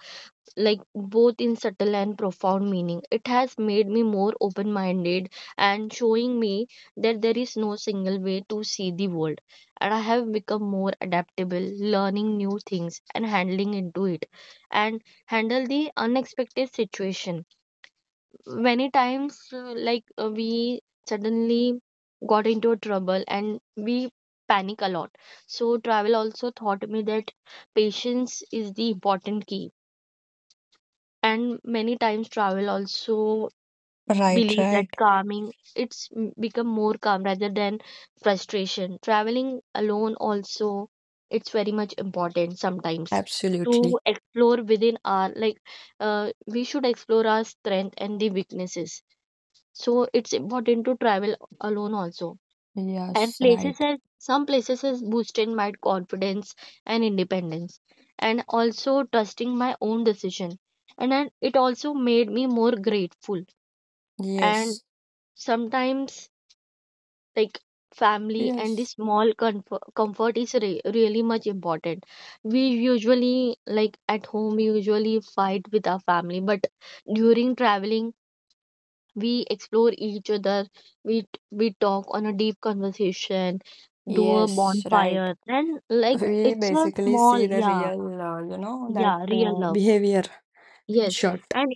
B: like both in subtle and profound meaning. It has made me more open minded and showing me that there is no single way to see the world. And I have become more adaptable, learning new things and handling into it and handle the unexpected situation. Many times, like we suddenly got into a trouble and we panic a lot. So, travel also taught me that patience is the important key, and many times travel also
A: right
B: believe that
A: right
B: calming become more calm rather than frustration. Traveling alone also, it's very much important sometimes to
A: Absolutely.
B: explore within our, like, we should explore our strength and the weaknesses, so it's important to travel alone also. And
A: Yes,
B: places
A: right.
B: has some places has boosted my confidence and independence and also trusting my own decision. And then it also made me more grateful, and
A: Yes.
B: sometimes like family and the
A: Yes.
B: small comfort is really much important. We usually, like, at home we usually fight with our family, but during traveling we explore each other, we talk on a deep conversation, do a
A: Yes, right.
B: bonfire, and, like,
A: We
B: it's a
A: basically
B: small,
A: see the
B: yeah,
A: real, you know, that
B: yeah, real love,
A: behavior in
B: yes.
A: short.
B: and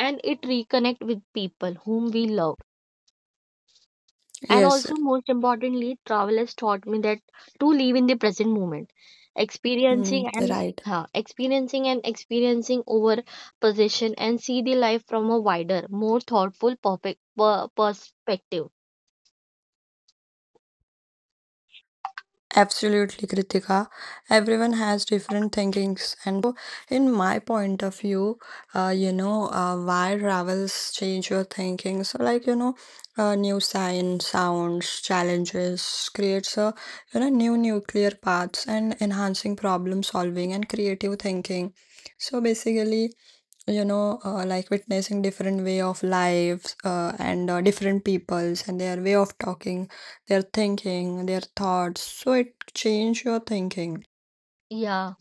B: and it reconnect with people whom we love. And
A: Yes,
B: also, most importantly, travel has taught me that to live in the present moment, experiencing and
A: right.
B: experiencing and experiencing over possession, and see the life from a wider, more thoughtful perspective,
A: Absolutely, Kritika. Everyone has different thinkings. And in my point of view, why travels change your thinking. So, like, you know, new signs, sounds, challenges creates a, you know, new nuclear paths and enhancing problem solving and creative thinking. So basically, you know, like witnessing different way of lives, and different peoples and their way of talking, their thinking, their thoughts, so it change your thinking
B: yeah.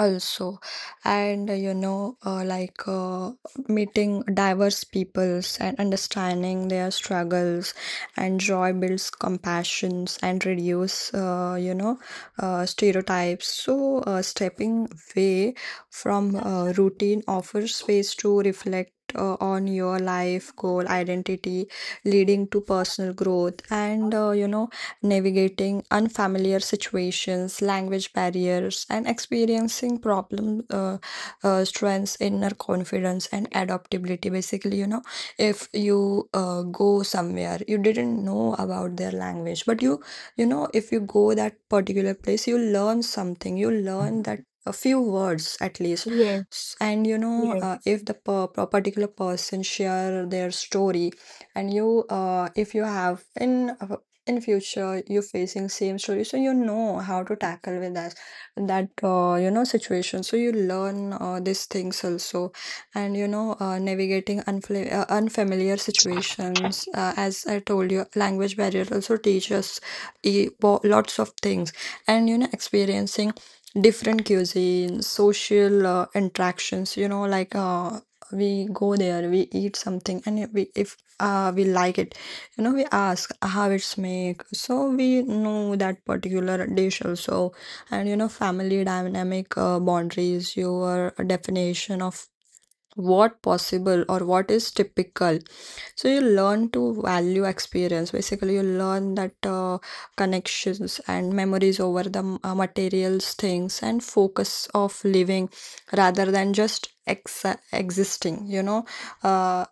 A: also. And meeting diverse peoples and understanding their struggles and joy builds compassions and reduce stereotypes. So stepping away from routine offers space to reflect on your life goal, identity, leading to personal growth. And you know navigating unfamiliar situations, language barriers, and experiencing problem, strengths, inner confidence, and adaptability. Basically, you know, if you go somewhere, you didn't know about their language, but you, if you go that particular place, you learn something. You learn that a few words at least.
B: Yes,
A: S- and you know
B: yes,
A: If the particular person share their story, and you, if you have in future you facing same story, so you know how to tackle with that situation. So you learn these things also. And you know, navigating unfamiliar situations, as I told you, language barrier also teaches lots of things. And you know, experiencing different cuisines, social interactions, you know, like, we go there, we eat something, and we, if we like it, you know, we ask how it's made, so we know that particular dish also. And you know, family dynamic, boundaries, your definition of what possible or what is typical. So you learn to value experience. Basically, you learn that connections and memories over the materials things, and focus of living rather than just existing, you know. Uh,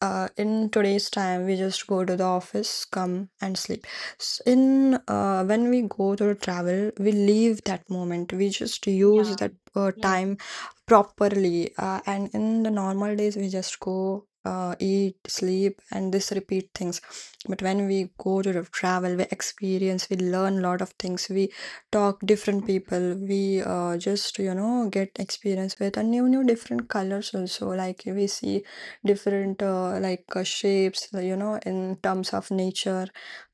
A: in today's time we just go to the office, come, and sleep. S- in When we go to travel, we leave that moment, we just
B: yeah,
A: use that
B: yes.
A: time properly. And in the normal days, we just go, eat, sleep, and this repeat things. But when we go to the travel, we experience, we learn a lot of things, we talk different people, we, just, you know, get experience with a new different colors also. Like we see different shapes, you know, in terms of nature,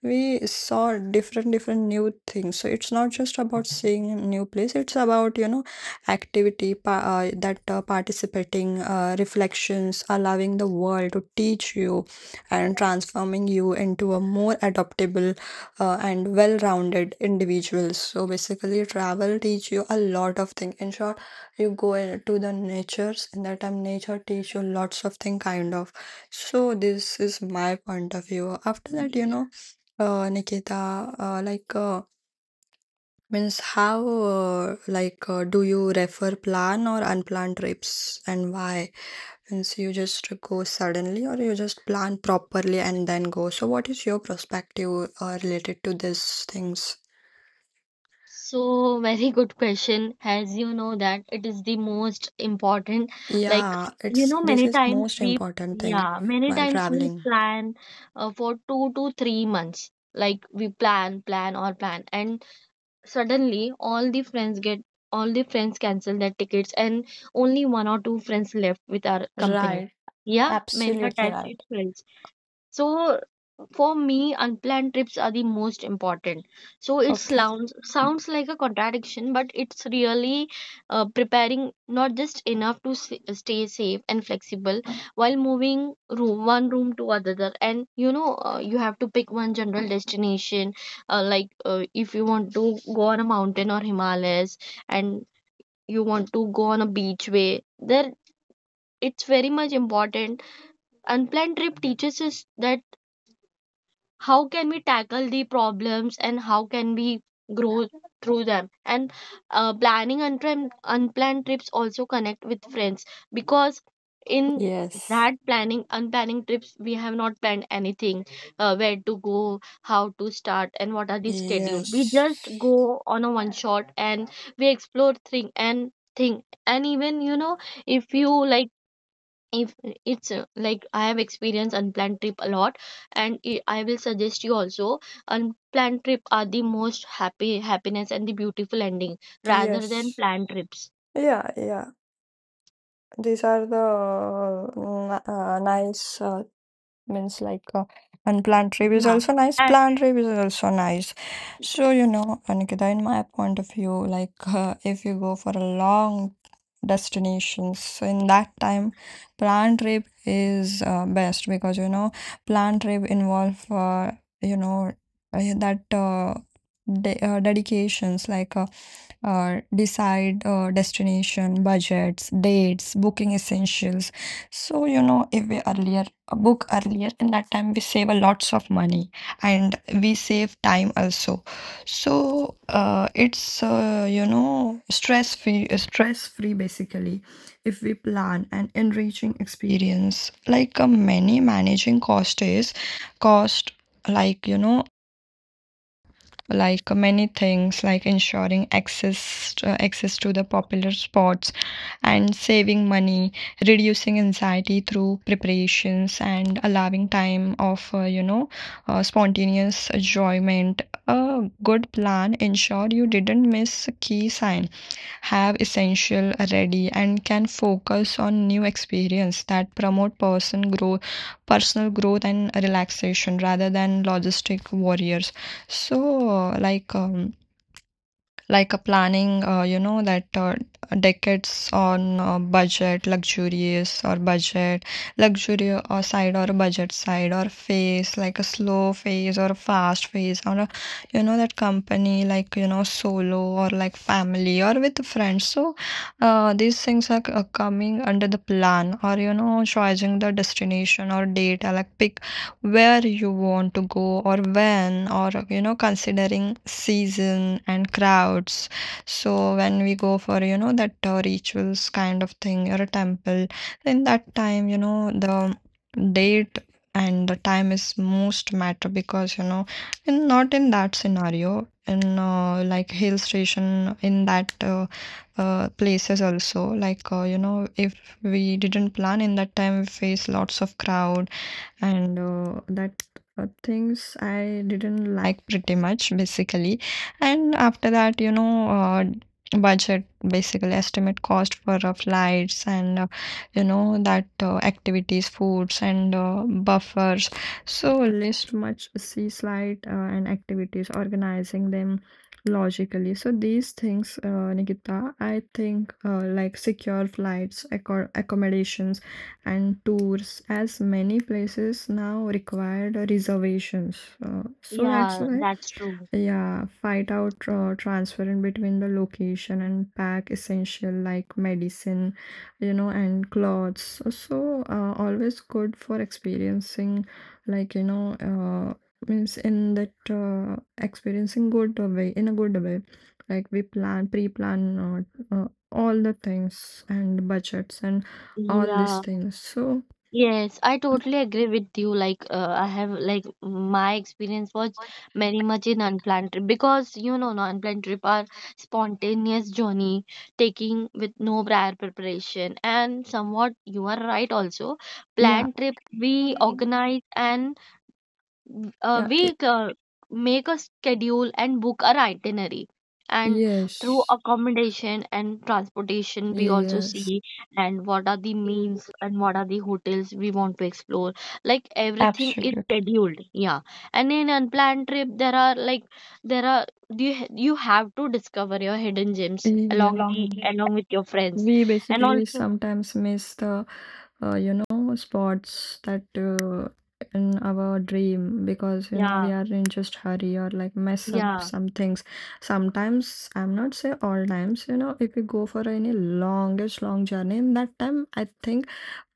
A: we saw different different new things. So it's not just about seeing a new place, it's about, you know, activity, pa- that participating, reflections, allowing the world to teach you and transforming you into a more adaptable and well-rounded individuals. So basically, travel teach you a lot of things in short. You go to the natures, and that time nature teach you lots of thing kind of. So this is my point of view. After that, you know, Nikita, means how do you refer plan or unplanned trips, and why, means, you just go suddenly or you just plan properly and then go? So what is your perspective related to these things?
B: So, very good question. As you know that it is the most important. Like,
A: Yeah,
B: you
A: it's,
B: know,
A: this
B: many
A: is
B: times
A: most
B: we,
A: important thing
B: yeah, many
A: while
B: times we
A: traveling,
B: plan for 2 to 3 months. Like we plan, and suddenly all the friends cancel their tickets, and only one or two friends left with our company.
A: right?
B: Yeah, many a
A: Absolutely
B: times it
A: right.
B: fails. So for me, unplanned trips are the most important. So it
A: Okay.
B: sounds like a contradiction, but it's really preparing not just enough to stay safe and flexible while moving room one room to another. And you have to pick one general destination, like if you want to go on a mountain or Himalayas, and you want to go on a beach way. There, it's very much important. Unplanned trip teaches us that how can we tackle the problems and how can we grow through them. And planning unplanned trips also connect with friends, because in
A: Yes.
B: that planning unplanning trips we have not planned anything, where to go, how to start, and what are the schedule. We
A: Yes.
B: just go on a one shot and we explore thing and thing. And even if you, like, if it's, like, I have experienced unplanned trip a lot, and I will suggest you also unplanned trip are the most happy happiness and the beautiful ending rather than
A: Yes.
B: planned trips,
A: Yeah, yeah. These are the nice means, like, unplanned trip is
B: yeah.
A: also nice,
B: And
A: planned trip is also nice. So you know, Anikita, in my point of view, like, if you go for a long destinations, so in that time planned trip is best, because you know planned trip involve, you know uh, that uh, dedications, like decide destination, budgets, dates, booking essentials. So, you know, if we earlier, a book earlier, in that time we save a lots of money, and we save time also. So, it's you know, stress free basically. If we plan an enriching experience, like many, managing cost is cost, like you know, like many things, like ensuring access access to the popular spots and saving money, reducing anxiety through preparations, and allowing time of spontaneous enjoyment. A good plan ensure you didn't miss a key sign, have essential ready, and can focus on new experience that promote personal growth and relaxation rather than logistic warriors. So, A planning, you know, that decades on budget, luxurious or budget, luxury or side, or budget side, or phase, like a slow phase or a fast phase, or a, you know, that company, like you know, solo or like family or with friends. So, these things are coming under the plan. Or you know, choosing the destination or date, or like pick where you want to go or when, or you know, considering season and crowds. So when we go for, you know, that rituals kind of thing or a temple, then that time, you know, the date and the time is most matter. Because you know, in, not in that scenario, in like hill station, in that places also, like, you know, if we didn't plan in that time, we face lots of crowd, and that things I didn't like pretty much basically. And after that, you know, budget, basically estimate cost for flights and you know that activities, foods, and buffers. So list much see slide and activities, organizing them logically. So these things, Nikita, I think, like, secure flights, accommodations, and tours, as many places now required reservations. So that's
B: yeah,
A: why,
B: that's true,
A: yeah, fight out transfer in between the location, and pack essential like medicine, you know, and clothes. So always good for experiencing, like you know, means, in that experiencing good way, in a good way. Like we plan, pre-plan all the things and budgets and all these
B: yeah.
A: things. So
B: Yes, I totally agree with you. Like, I have, like, my experience was very much in unplanned trip, because you know, no unplanned trip are spontaneous journey taking with no prior preparation, and somewhat you are right also.
A: yeah,
B: Planned trip we organize, and
A: yeah,
B: we
A: it,
B: make a schedule and book our itinerary, and through
A: yes,
B: accommodation and transportation we also
A: yes,
B: see, and what are the meals and what are the hotels we want to explore, like everything is
A: Absolutely.
B: scheduled, yeah. And in unplanned trip there are, there are you have to discover your hidden gems along the
A: Yeah.
B: along with your friends
A: We
B: and
A: basically
B: also,
A: sometimes miss the spots that in our dream, because you know, we
B: yeah,
A: are in just hurry or like mess up
B: yeah,
A: some things. Sometimes, I'm not say all times. You know, if we go for any long journey, in that time I think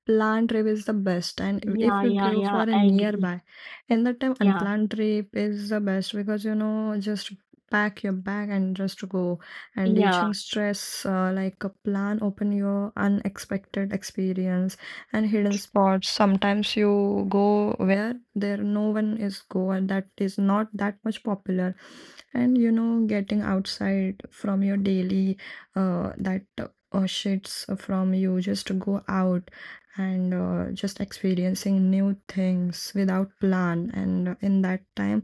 A: planned trip is the best. And
B: yeah,
A: if you
B: yeah,
A: go for
B: yeah,
A: a
B: I agree,
A: nearby, and that time
B: yeah,
A: unplanned trip is the best, because you know, just pack your bag and just go, and
B: yeah.
A: reaching stress, like a plan, open your unexpected experience and hidden spots. Sometimes you go where there no one is go, and that is not that much popular. And you know, getting outside from your daily that shits, from you just to go out and just experiencing new things without plan. And in that time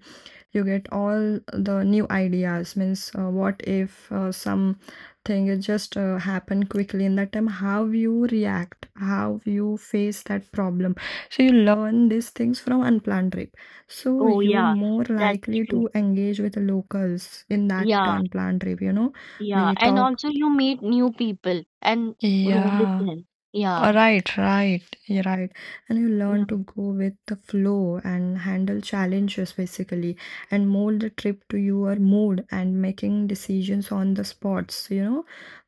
A: you get all the new ideas, means, what if some thing, it just happen quickly, in that time how you react, how you face that problem. So you learn these things from unplanned trip. So
B: Oh,
A: you
B: yeah,
A: more
B: that's
A: likely
B: true.
A: to engage with the locals in that
B: Yeah,
A: unplanned trip, you know,
B: yeah.
A: we
B: And
A: talk,
B: also, you meet new people and roam with
A: yeah,
B: them. Yeah,
A: right, right, you're right. And you
B: yeah,
A: learn to go with the flow and handle challenges basically, and mold the trip to your mood and making decisions on the spots. You know,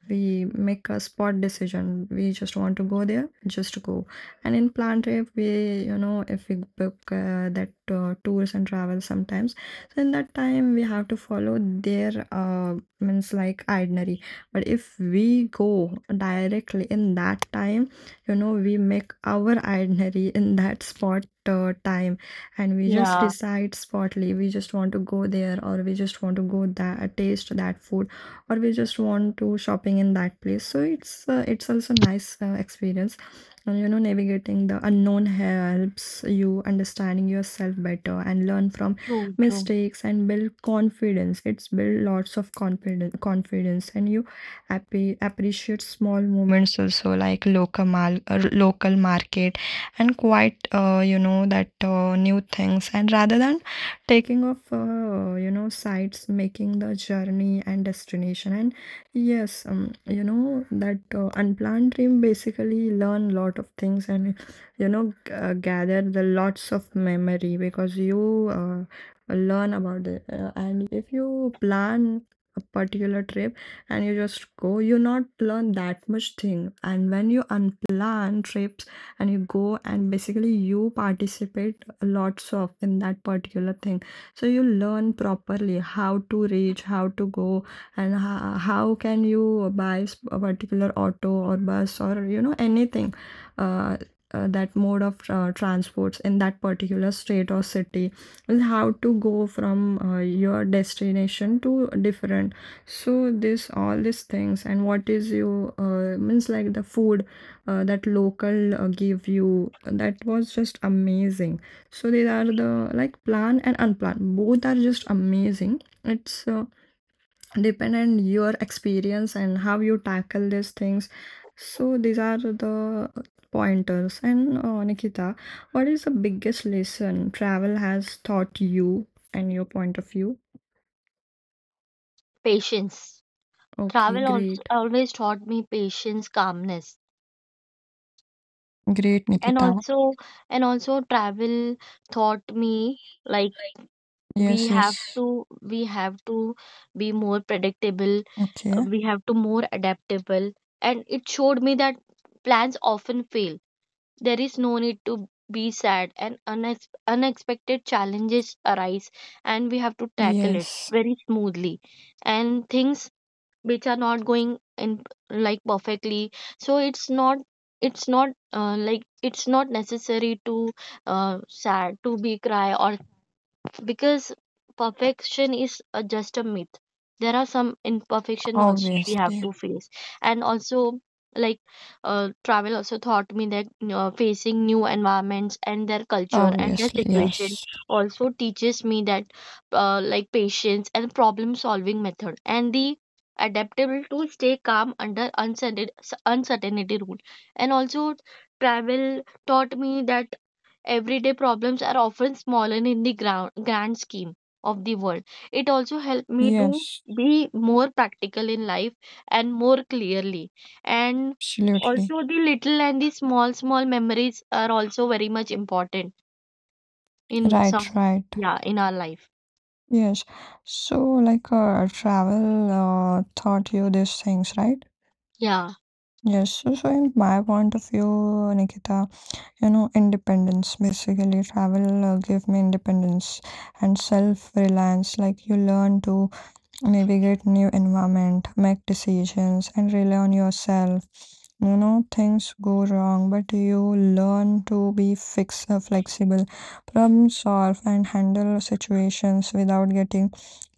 A: we make a spot decision, we just want to go there, just go. And in plan trip, we, you know, if we book that tours and travel sometimes, so in that time we have to follow their means, like, itinerary. But if we go directly in that time, you know, we make our itinerary in that spot time, and we just
B: yeah.
A: decide spotly. We just want to go there, or we just want to go that, taste that food, or we just want to shopping in that place. So it's also nice experience. And you know, navigating the unknown helps you understanding yourself better, and learn from
B: True, true.
A: mistakes and build confidence. It's build lots of confidence. And you appreciate small moments also, like local market, and quite you know that new things, and rather than taking off you know sites, making the journey and destination. And yes, you know that unplanned dream basically learn lot of things. And you know, gather the lots of memory, because you uh, learn about it. And if you plan a particular trip and you just go, you not learn that much thing. And when you unplan trips and you go, and basically you participate lots of in that particular thing. So you learn properly, how to reach, how to go, and how can you buy a particular auto or bus, or you know anything, uh, that mode of transports in that particular state or city is how to go from your destination to different. So this all these things. And what is you means like the food that local give you, that was just amazing. So these are the, like, plan and unplanned, both are just amazing. It's dependent your experience and how you tackle these things. So these are the pointers. And Nikita, what is the biggest lesson travel has taught you and your point of view?
B: Patience.
A: Okay,
B: Travel also
A: great.
B: always taught me patience, calmness.
A: Great,
B: And
A: Nikita.
B: also, and also, travel taught me, like, we
A: Yes,
B: have
A: yes.
B: to, we have to be more predictable.
A: Okay.
B: We have to more adaptable. And it showed me that plans often fail. There is no need to be sad, and unexpected challenges arise, and we have to tackle it
A: Yes,
B: very smoothly. And things which are not going in like perfectly, so it's not necessary to sad to be cry, or because perfection is just a myth. There are some imperfection also we have
A: obviously.
B: to face. And also, like, travel also taught me that facing new environments and their culture and their
A: Obviously,
B: situation
A: yes.
B: also teaches me that, like, patience and problem solving method, and the adaptable to stay calm under uncertainty rule. And also travel taught me that everyday problems are often smaller in the grand scheme of the world. It also helped me to
A: Yes,
B: be more practical in life and more clearly. And
A: absolutely.
B: also, the little and the small, small memories are also very much important in
A: Right,
B: some,
A: right.
B: yeah, in our life.
A: Yes. So, like, travel taught you these things, right?
B: Yeah,
A: Yes. In my point of view, Nikita, you know, independence basically. Travel gave me independence and self-reliance. Like, you learn to navigate new environment, make decisions, and rely on yourself. You know, things go wrong, but you learn to be flexible, problem solve, and handle situations without getting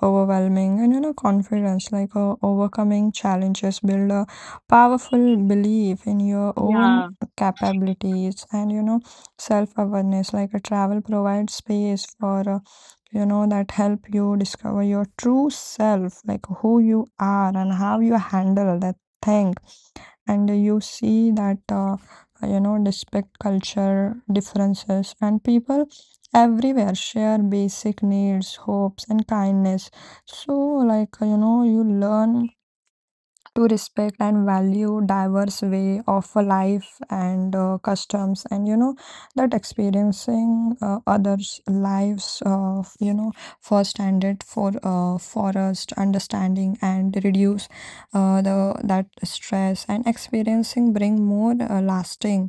A: overwhelming. And you know, confidence, like overcoming challenges, build a powerful belief in your own
B: yeah.
A: capabilities, and you know, self awareness, like a travel provides space for. You know that help you discover your true self, like who you are and how you handle that thing. And you see that, you know, respect culture differences, and people everywhere share basic needs, hopes, and kindness. So like, you know, you learn to respect and value diverse way of a life and customs. And you know that experiencing others lives of, you know, first handed for for us to understanding and reduce the that stress, and experiencing bring more lasting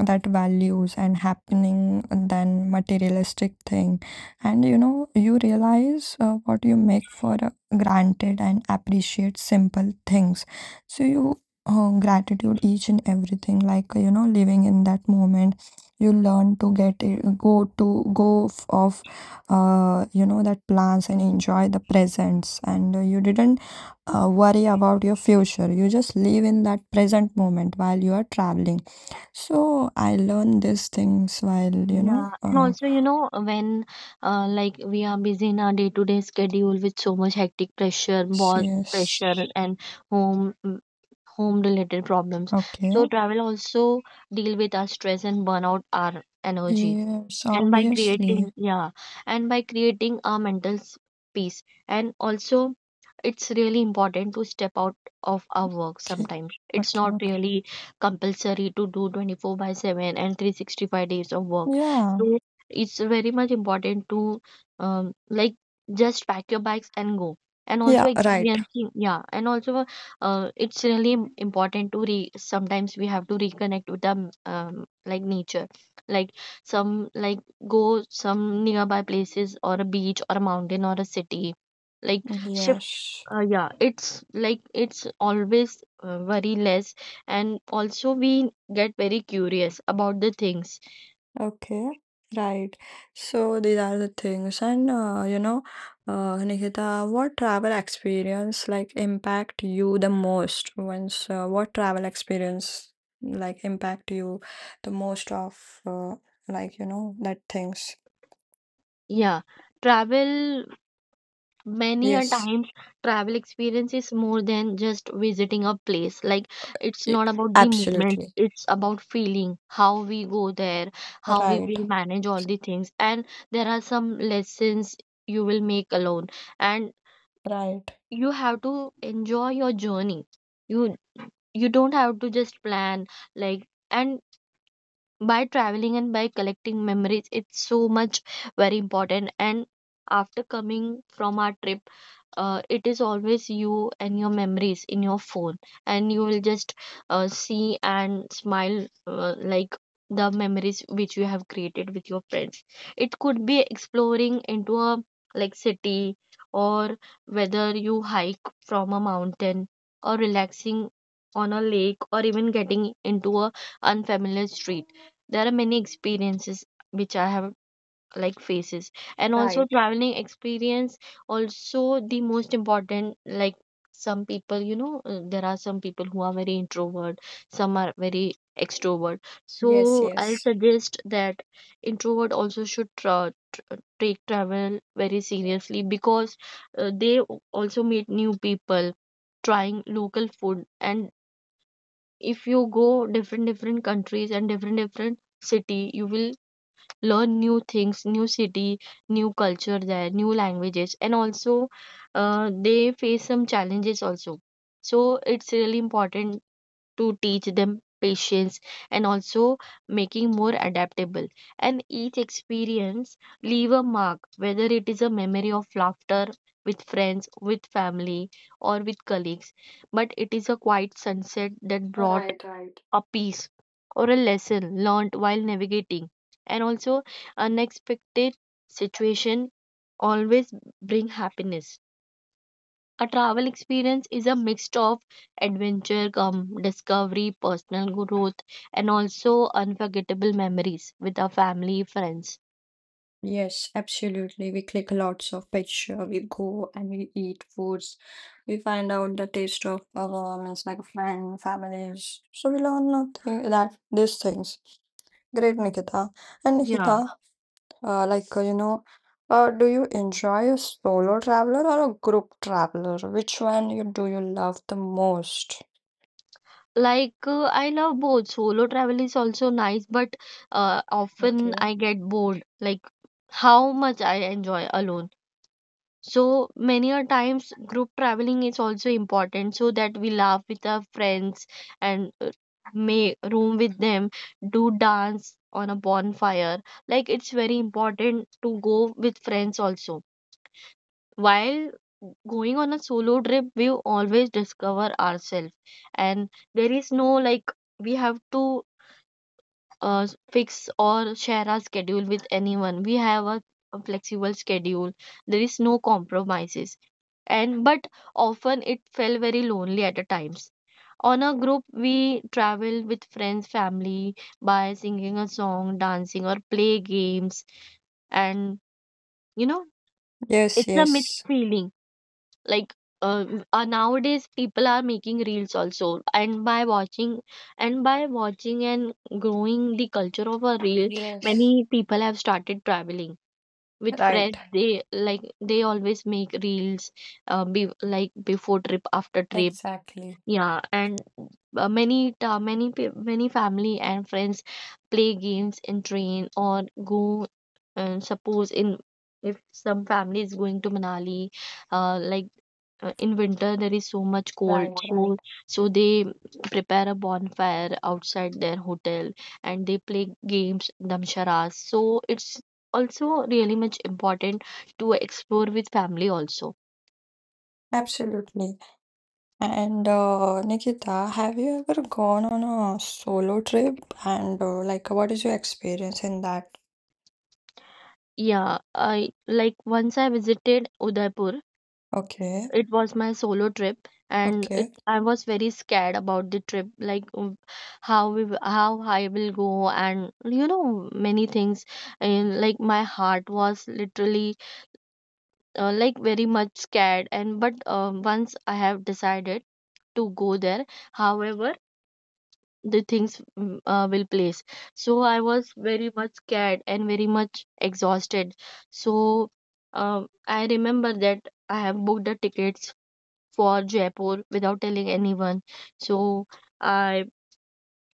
A: that values and happening than materialistic thing. And you know, you realize what you make for granted and appreciate simple things. So you gratitude each and everything, like, you know, living in that moment. You learn to get it, go to off, you know, that plans, and enjoy the presents. And you didn't worry about your future. You just live in that present moment while you are traveling. So I learned these things while, you know,
B: Yeah, and also, when like we are busy in our day-to-day schedule with so much hectic pressure, boss
A: yes,
B: pressure, and home home related problems.
A: okay.
B: So travel also deal with our stress and burn out our energy,
A: Yes,
B: and by
A: obviously.
B: creating yeah and by creating a mental peace. And also, it's really important to step out of our work.
A: Okay,
B: Sometimes it's
A: okay,
B: not
A: okay.
B: really compulsory to do 24 by 7 and 365 days of work,
A: Yeah,
B: so it's very much important to like just pack your bags and go, and also
A: yeah, right.
B: experiencing. Yeah. And also, it's really important to re sometimes we have to reconnect with the like nature, like some, like go some nearby places or a beach or a mountain or a city like shift,
A: Yes,
B: yeah. It's like, it's always very less, and also we get very curious about the things.
A: okay, right. So these are the things. And, you know, Nikita, what travel experience like impact you the most? Once, what travel experience like impact you the most of, like, you know, that things?
B: Yeah. travel Many a
A: Yes.
B: times, travel experience is more than just visiting a place. Like, it's
A: Y-
B: not about the movement,
A: Absolutely.
B: it's about feeling how we go there, how we
A: Right.
B: will manage all the things. And there are some lessons you will make alone, and
A: Right.
B: you have to enjoy your journey. You you don't have to just plan. Like, and by traveling and by collecting memories, it's so much very important. And after coming from our trip, it is always you and your memories in your phone, and you will just see and smile, like the memories which you have created with your friends. It could be exploring into a like city, or whether you hike from a mountain, or relaxing on a lake, or even getting into a unfamiliar street. There are many experiences which I have like faces. And also
A: Right.
B: traveling experience also the most important, like some people, there are some people who are very introvert, some are very extrovert.
A: Yes,
B: So I
A: yes.
B: suggest that introvert also should take travel very seriously, because they also meet new people, trying local food. And if you go different different countries and different different city, you will learn new things, new city, new culture there, new languages. And also, they face some challenges also. So it's really important to teach them patience and also making more adaptable. And each experience leave a mark, whether it is a memory of laughter with friends, with family, or with colleagues. But it is a quiet sunset that brought
A: Right, right.
B: a piece, or a lesson learned while navigating and also unexpected situation always bring happiness. A travel experience is a mix of adventure come discovery, personal growth, and also unforgettable memories with our family, friends.
A: Yes, absolutely. We click lots of picture. We go and we eat foods. We find out the taste of our means like friend, families. So we learn nothing that these things. Great, Nikita. And
B: Yeah.
A: Nikita, like you know, do you enjoy a solo traveler or a group traveler? Which one you do you love the most?
B: Like I love both. Solo travel is also nice, but often
A: Okay.
B: I get bored, like how much I enjoy alone. So many a times, group traveling is also important, so that we laugh with our friends and may room with them, do dance on a bonfire. Like, it's very important to go with friends also. While going on a solo trip, we always discover ourselves, and there is no, like, we have to fix or share our schedule with anyone. We have a flexible schedule. There is no compromises. And but often it felt very lonely at the times. On a group, we travel with friends, family by singing a song, dancing, or play games. And you know,
A: Yes,
B: it's a mixed
A: yes.
B: feeling. Like uh, nowadays people are making reels also, and by watching and growing the culture of a reel,
A: Yes.
B: many people have started traveling with
A: Right,
B: friends. They like, they always make reels, like before trip, after trip.
A: exactly.
B: Yeah. And many ta many many family and friends play games in train or go. And suppose, in if some family is going to Manali, like in winter there is so much cold,
A: Right, right.
B: so they prepare a bonfire outside their hotel and they play games damsharas. So it's also really much important to explore with family also.
A: Absolutely. And Nikita, have you ever gone on a solo trip? And like, what is your experience in that?
B: Yeah. I like once I visited Udaipur,
A: Okay,
B: it was my solo trip, and it
A: okay.
B: I was very scared about the trip. Like, how how I will go, and you know, many things. And like, my heart was literally like very much scared. And but once I have decided to go there, however the things will place, so I was very much scared and very much exhausted. So um, I remember that I have booked the tickets for Jaipur without telling anyone. So I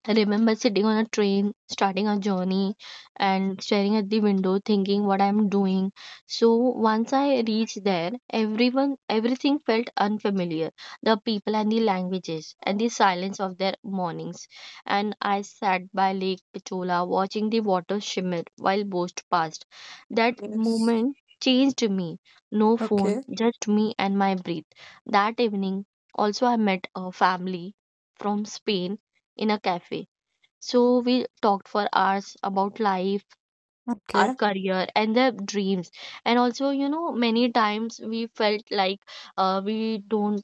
B: I remember sitting on a train, starting a journey, and staring at the window, thinking what I'm doing. So once I reached there, everything felt unfamiliar. The people and the languages and the silence of their mornings. And I sat by Lake Pichola, watching the water shimmer while boats passed. That
A: Yes.
B: moment changed me. No phone,
A: Okay,
B: just me and my breath. That evening, also I met a family from Spain in a cafe, so we talked for hours about life, our
A: okay.
B: career, and their dreams. And also, you know, many times we felt like we don't,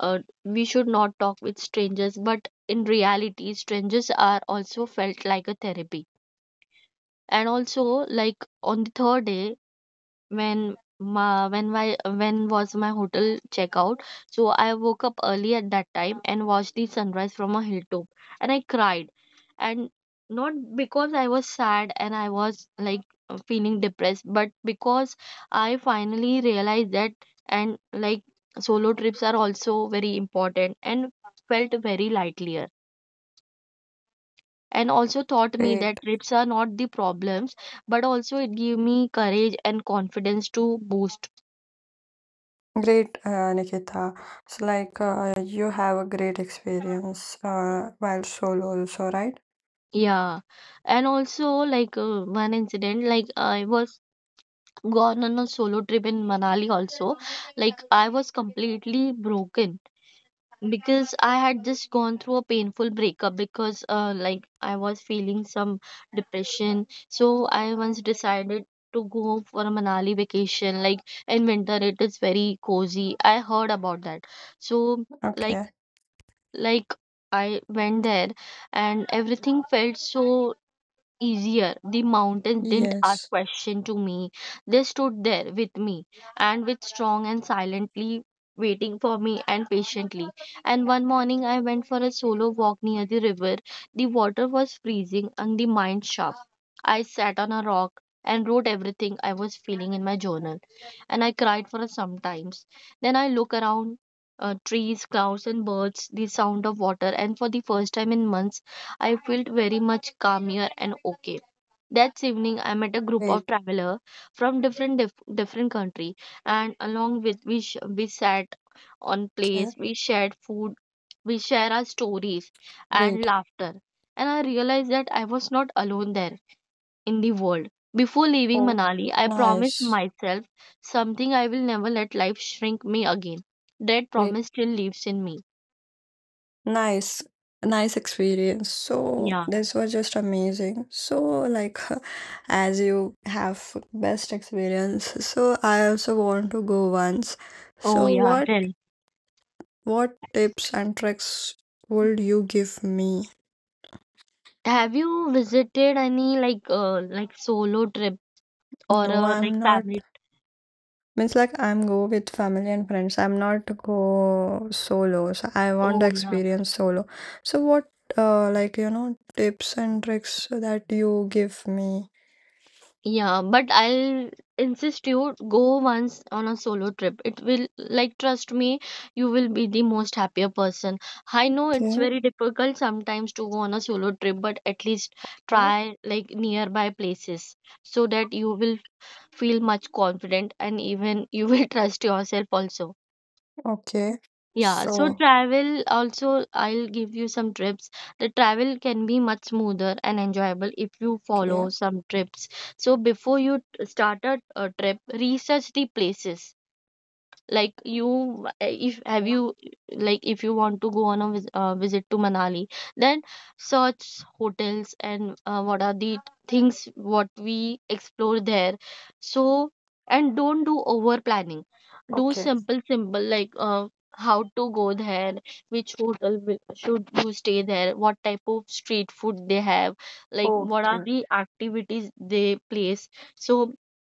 B: uh, we should not talk with strangers. But in reality, strangers are also felt like a therapy. And also, like on the third day, when my when my when was my hotel checkout, so I woke up early at that time and watched the sunrise from a hilltop. And I cried, and not because I was sad and I was like feeling depressed, but because I finally realized that, and like, solo trips are also very important and felt very lightlier. And also taught me that
A: Great,
B: trips are not the problems, but also it gave me courage and confidence to boost.
A: great, Nikita. So, like, you have a great experience while solo, also, right?
B: Yeah. And also like one incident. Like, I was gone on a solo trip in Manali also. Like, I was completely broken because I had just gone through a painful breakup, because like I was feeling some depression. So I once decided to go for a Manali vacation. Like in winter, it is very cozy, I heard about that. So like
A: Okay.
B: like I went there and everything felt so easier. The mountains didn't ask
A: Yes.
B: question to me. They stood there with me, and with strong and silently waiting for me and patiently. And one morning I went for a solo walk near the river. The water was freezing and the mind sharp. I sat on a rock and wrote everything I was feeling in my journal. And I cried for some times. Then I look around, trees, clouds and birds, the sound of water. And for the first time in months I felt very much calmer and okay. That evening, I met a group of
A: Great,
B: travelers from different different country, and along with we sat on
A: okay.
B: place, we shared food, we share our stories and
A: Great.
B: laughter. And I realized that I was not alone there in the world. Before leaving
A: Oh,
B: Manali, I promised
A: nice.
B: myself something: I will never let life shrink me again. That
A: Great.
B: promise still lives in me.
A: Nice, nice experience. So
B: Yeah.
A: this was just amazing. So like <laughs> as you have best experience, so I also want to go once.
B: Oh
A: So
B: yeah.
A: what
B: Tell.
A: what tips and tricks would you give me?
B: Have you visited any like solo trip or
A: No,
B: like
A: I'm not.
B: family?
A: Means like I'm go with family and friends. I'm not go solo. So I want the
B: Oh yeah.
A: experience solo. So what like you know tips and tricks that you give me?
B: Yeah, but I'll insist you go once on a solo trip. It will, like, trust me, you will be the most happier person. I know it's
A: Okay.
B: very difficult sometimes to go on a solo trip, but at least try like nearby places, so that you will feel much confident and even you will <laughs> trust yourself also.
A: Okay.
B: Yeah. So
A: So,
B: travel also, I'll give you some tips. The travel can be much smoother and enjoyable if you
A: okay.
B: follow some trips. So before you start a trip, research the places. Like, you eh, if have
A: Yeah.
B: you, like, if you want to go on a visit to Manali, then search hotels and what are the things, what we explore there. So, and don't do over planning, do
A: Okay.
B: simple simple. Like how to go there, which hotel will, should you stay there, what type of street food they have, like what are
A: Okay.
B: the activities they place. So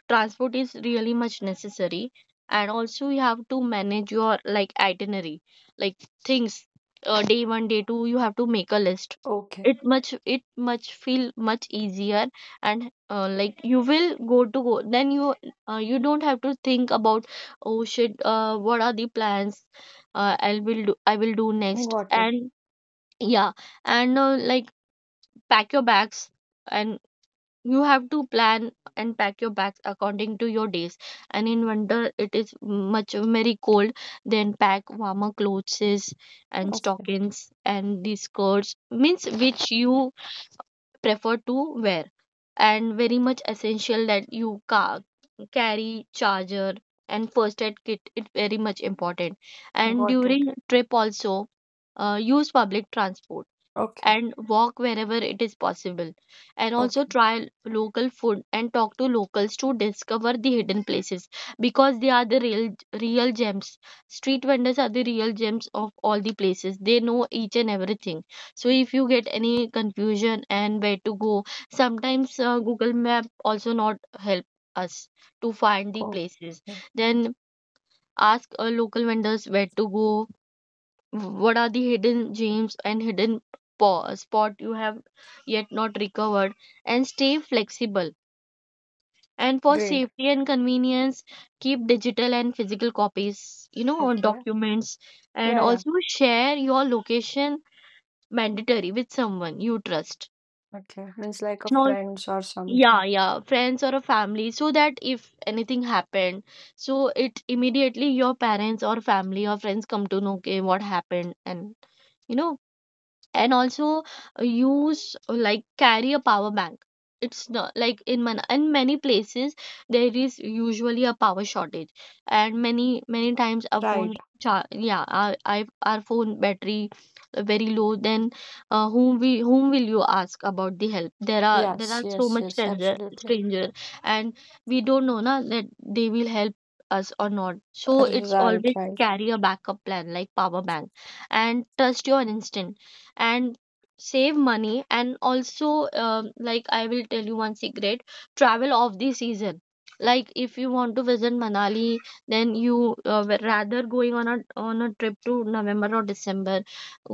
B: transport is really much necessary, and also you have to manage your like itinerary like things. Day 1 2, you have to make a list.
A: Okay.
B: It much, it much feel much easier. And like you will go to go, then you, you don't have to think about, oh shit, what are the plans, I will do, I will do next.
A: Got it.
B: And yeah. And like, pack your bags. And you have to plan and pack your bags according to your days. And in winter it is much very cold, then pack warmer clothes and
A: Okay.
B: stockings and these skirts, means which you prefer to wear. And very much essential that you carry charger and first aid kit. It very much important. And
A: Got it.
B: during trip also, use public transport
A: Okay.
B: and walk wherever it is possible. And also
A: Okay.
B: try local food and talk to locals to discover the hidden places, because they are the real gems. Street vendors are the real gems of all the places. They know each and everything. So if you get any confusion and where to go, sometimes Google Map also not help us to find the places.
A: Okay.
B: Then ask local vendors where to go, what are the hidden gems and hidden spot you have yet not recovered, and stay flexible. And for
A: Great.
B: safety and convenience, keep digital and physical copies or
A: Okay.
B: documents, and
A: Yeah. Yeah.
B: also share your location mandatory with someone you trust
A: Okay. Means like a
B: and all.
A: friends or
B: Yeah,
A: something.
B: yeah, friends or a family, so that if anything happened, so it immediately your parents or family or friends come to know okay what happened. And you know and also use like carry a power bank. It's not like, in many places there is usually a power shortage, and many many times our
A: Right.
B: yeah, our phone battery very low. Then whom will you ask about the help? There are
A: Yes.
B: so
A: Yes.
B: much
A: Yes. Absolutely.
B: stranger, and we don't know na that they will help us or not. So it's
A: Right.
B: always
A: Right.
B: carry a backup plan like power bank, and trust your instinct and save money. And also like I will tell you one secret. Travel off the season. Like if you want to visit Manali, then you were rather going on a trip to November or December,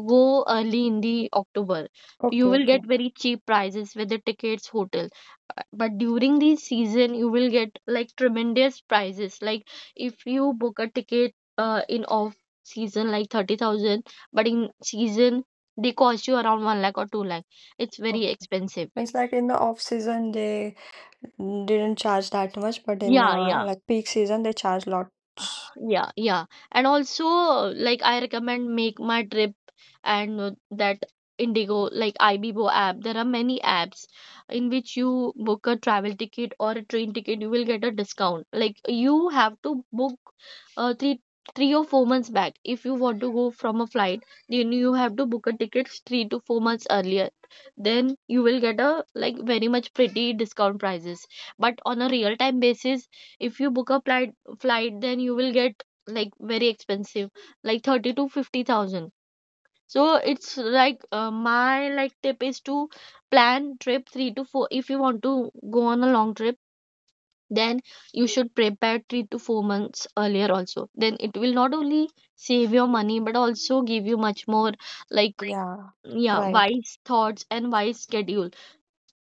B: go early in the October. You
A: Okay.
B: will
A: Okay.
B: get very cheap prices with the tickets, hotel. But during the season, you will get like tremendous prices. Like if you book a ticket in off season like 30,000, but in season they cost you around 1 lakh or 2 lakh. It's very
A: Okay.
B: expensive.
A: Means like in the off season they didn't charge that much, but in
B: Yeah, yeah.
A: like peak season they charge lot.
B: Yeah, yeah. And also like I recommend Make My Trip, and that Indigo, like Ibibo app. There are many apps in which you book a travel ticket or a train ticket, you will get a discount. Like you have to book uh, three 3 or 4 months back. If you want to go from a flight, then you have to book a ticket 3 to 4 months earlier. Then you will get a like very much pretty discount prices. But on a real time basis, if you book a flight, then you will get like very expensive, like 30 to 50,000. So it's like my like tip is to plan trip 3 to 4. If you want to go on a long trip, then you should prepare 3 to 4 months earlier also. Then it will not only save your money but also give you much more like
A: Yeah.
B: yeah,
A: Right.
B: wise thoughts and wise schedule.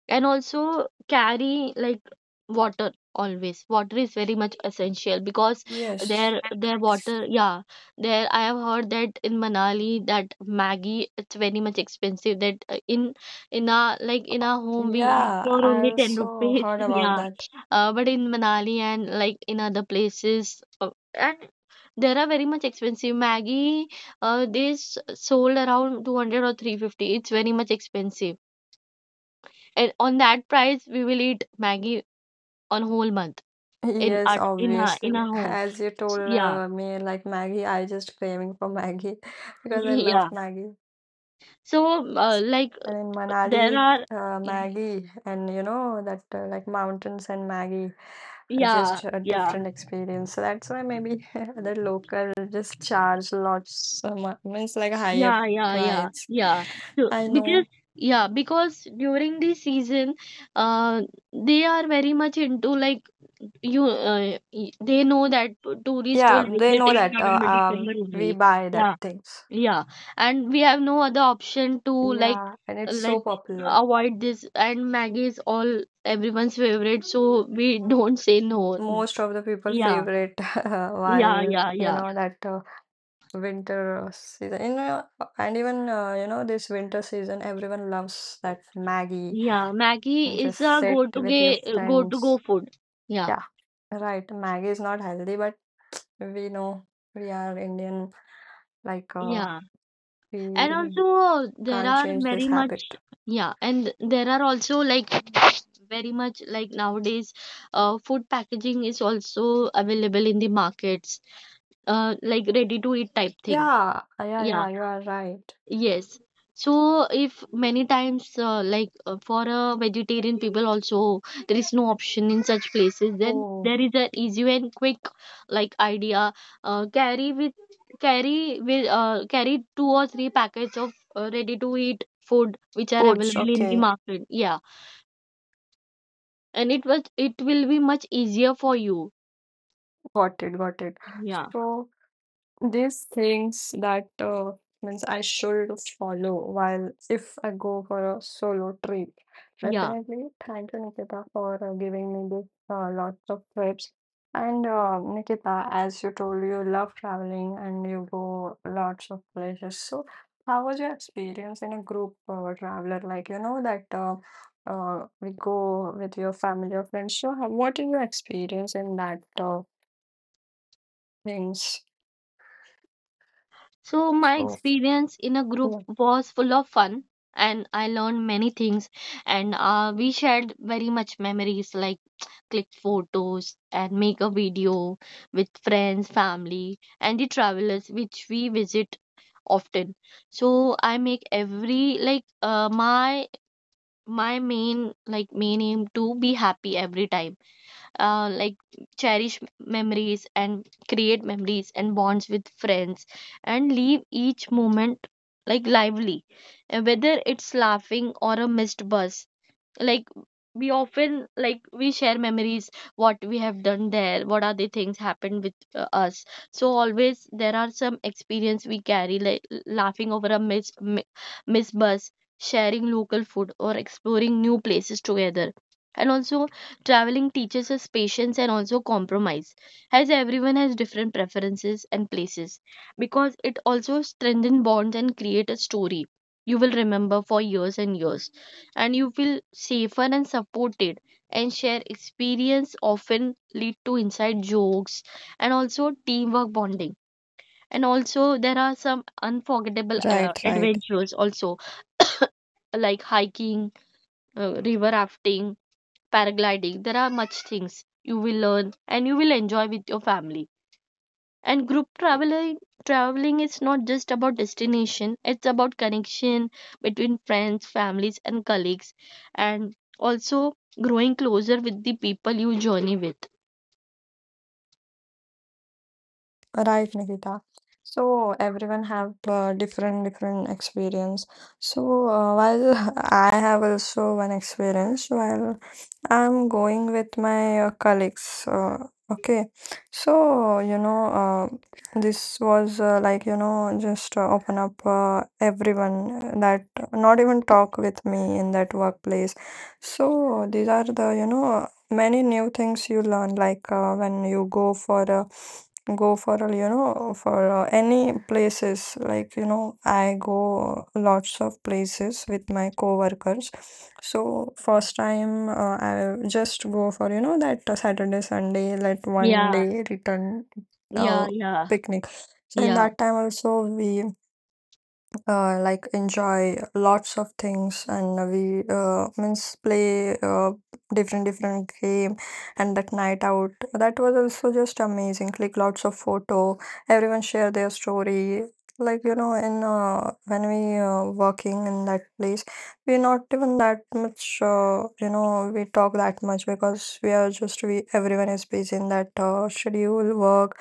B: And also carry like water. Always water is very much essential because
A: Yes.
B: their water, yeah, there I have heard that in Manali that Maggie, it's very much expensive. That in our like in our home we eat
A: Yeah,
B: for
A: I
B: only 10
A: also
B: rupees
A: heard
B: <laughs>
A: about
B: yeah,
A: that.
B: but in Manali and like in other places, uh, and there are very much expensive Maggie. They sold around 200 or 350. It's very much expensive, and on that price we will eat Maggie on whole month in
A: Yes,
B: our in our
A: obviously.
B: home.
A: As you told
B: Yeah,
A: me, like Maggie, I just craving for Maggie <laughs> because I love
B: <laughs> yeah.
A: Maggie.
B: So like
A: And in
B: there
A: Manali,
B: are
A: Maggie, and you know that like mountains and Maggie,
B: yeah,
A: just a
B: yeah,
A: different experience. So that's why maybe <laughs> the local just charge lots, means like a higher
B: yeah, yeah, yeah,
A: price.
B: yeah. So
A: I
B: because
A: know.
B: yeah, because during the season, uh, they are very much into like you they know that tourists
A: Yeah,
B: will
A: they
B: visit
A: know
B: in
A: that
B: November December
A: we
B: only.
A: buy that
B: Yeah.
A: things.
B: Yeah, and we have no other option to
A: Yeah, and it's so
B: like
A: popular.
B: avoid this. And Maggie is all everyone's favorite, so we don't say no.
A: Most of the people
B: Yeah,
A: favorite <laughs>
B: yeah,
A: while
B: yeah,
A: you
B: yeah,
A: know that winter season. You know, and even you know this winter season, everyone loves that Maggie
B: yeah. Maggie
A: and
B: is
A: just
B: a
A: sit with your
B: go-to-go
A: friends.
B: food. Yeah,
A: Yeah, right. Maggie is not healthy, but we know we are Indian. Like
B: yeah,
A: we
B: and also there
A: can't
B: are
A: change this
B: very much
A: habit.
B: yeah, and there are also like very much like nowadays, food packaging is also available in the markets, like ready-to-eat type thing.
A: Yeah, yeah,
B: Yeah,
A: yeah. You are right.
B: yes. So if many times for a vegetarian people also there is no option in such places, then
A: Oh,
B: there is an easy and quick like idea. Uh, carry with Carry two or three packets of ready to eat food which are
A: foods.
B: available in the
A: Okay,
B: market. Yeah, and it will be much easier for you.
A: got it, got it.
B: Yeah,
A: So. These things that means I should follow while if I go for a solo trip.
B: yeah.
A: Definitely, thank you, Nikita, for giving me this lots of tips. And Nikita, as you told, you love traveling and you go lots of places. So, how was your experience in a group traveler? Like you know that we go with your family or friends. So, what is your experience in that things?
B: So, my
A: So.
B: experience in a group
A: Yeah.
B: was full of fun, and I learned many things. And We shared very much memories like click photos and make a video with friends, family, and the travelers which we visit often. So I make every like my my main aim to be happy every time, like cherish memories and create memories and bonds with friends, and leave each moment like lively. Whether it's laughing or a missed bus, like we often like we share memories what we have done there, what are the things happened with us. So always there are some experience we carry, like laughing over a miss bus, sharing local food or exploring new places together. And also traveling teaches us patience and also compromise, as everyone has different preferences and places, because it also strengthens bonds and create a story you will remember for years and years. And you feel safer and supported, and share experience often lead to inside jokes and also teamwork bonding. And also there are some unforgettable
A: Right, right.
B: adventures also <coughs> like hiking, river rafting, paragliding. There are much things you will learn and you will enjoy with your family and group. Traveling is not just about destination, it's about connection between friends, families and colleagues, and also growing closer with the people you journey with.
A: Right, Nikita. So everyone have different different experience. So while <laughs> I have also one experience while I'm going with my colleagues. Okay, so you know this was like you know just open up everyone that not even talk with me in that workplace. So these are the you know many new things you learn, like when you go for a you know for any places, like you know I go lots of places with my coworkers. So first time I just go for you know that Saturday Sunday like one
B: Yeah,
A: day return uh,
B: yeah, yeah,
A: picnic. So in
B: yeah.
A: that time also we like enjoy lots of things. And we means play different different game. And that night out, that was also just amazing, like lots of photo. Everyone share their story. Like you know, in when we working in that place, we're not even that much you know we talk that much because we are just, we everyone is busy in that schedule work.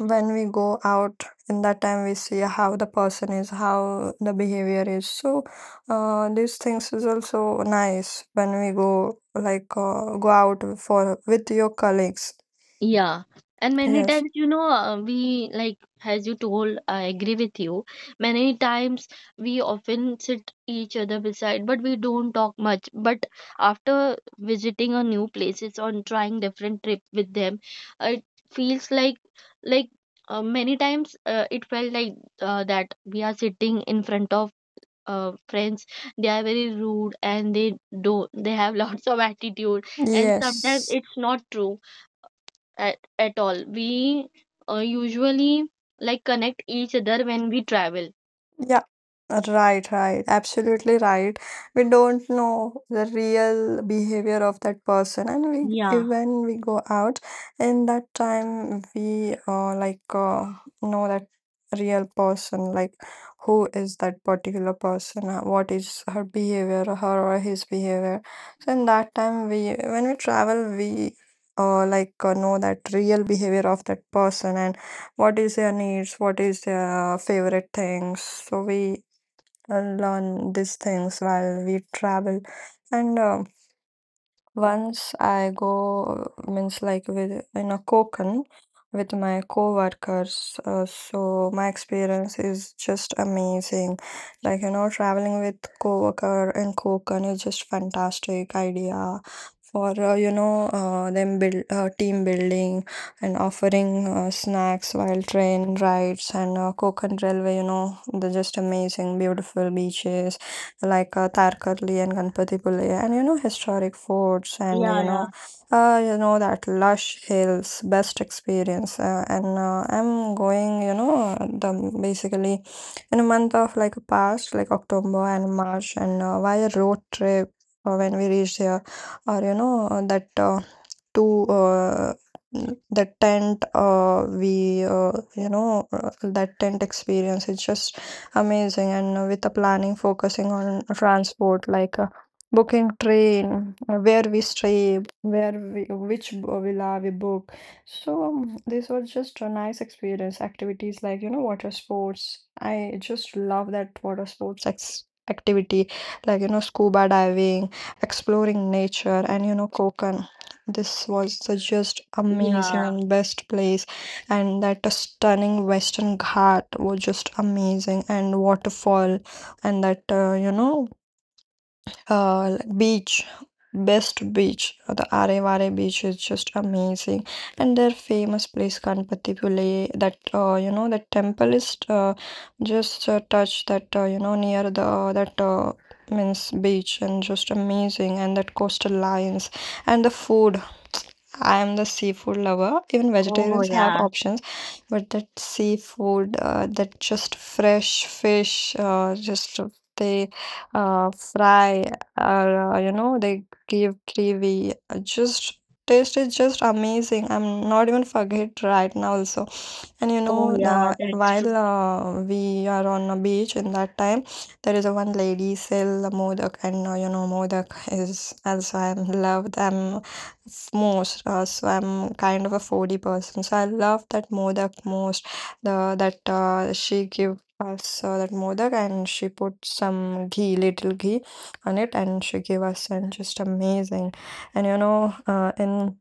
A: When we go out in that time, we see how the person is, how the behavior is. So these things is also nice when we go, like go out for with your colleagues.
B: Yeah, and many
A: Yes,
B: times, we like, as you told, I agree with you. Many times we often sit each other beside, but we don't talk much. But after visiting a new places or trying different trip with them, it feels like, like many times it felt like that we are sitting in front of friends. They are very rude and they do they have <laughs> lots of attitude, and sometimes
A: yes.
B: it's not true at all. We usually like connect each other when we travel.
A: Yeah, right, right. Absolutely right. We don't know the real behavior of that person, and we if
B: Yeah,
A: when we go out in that time, we like know that real person, like who is that particular person, what is her behavior, or her or his behavior. So in that time, we when we travel, we like know that real behavior of that person and what is their needs, what is their favorite things. So we learn these things while we travel. And once I go, means like with in a Konkan with my co-workers, so my experience is just amazing. Like you know, traveling with co-worker in Konkan is just fantastic idea for you know them build team building and offering snacks while train rides and Konkan Railway. You know, they're just amazing, beautiful beaches like Tarkarli and Ganpatipule, and you know historic forts and
B: yeah, yeah,
A: you know that lush hills. Best experience, and I'm going. You know the basically in a month of like past, like October and March, and via road trip. When we reached here, or that, to uh, the tent, we you know that tent experience is just amazing. And with the planning focusing on transport, like booking train, where we stay, where we, which b- villa we book. So, this was just a nice experience. Activities like water sports. I just love that water sports activity, like scuba diving, exploring nature and coconut. This was the just amazing
B: yeah.
A: and best place, and that stunning Western Ghat was just amazing, and waterfall, and that, like beach, best beach, the Arevare beach is just amazing, and their famous place Ganpatipule, that, that temple is, just touch that, near the that, means beach, and just amazing, and that coastal lines and the food. I am the seafood lover. Even
B: Oh,
A: vegetarians have
B: yeah.
A: options, but that seafood, that just fresh fish, just they, fry or, they give gravy. Just taste is just amazing. I'm not even forget right now also. And
B: Oh, yeah, that's true.
A: while we are on a beach in that time, there is a one lady sell the modak, and, modak is also I love them most. So I'm kind of a foodie person, so I love that modak most. The that, she give us that modak, and she put some ghee, little ghee, on it, and she gave us, and just amazing. And in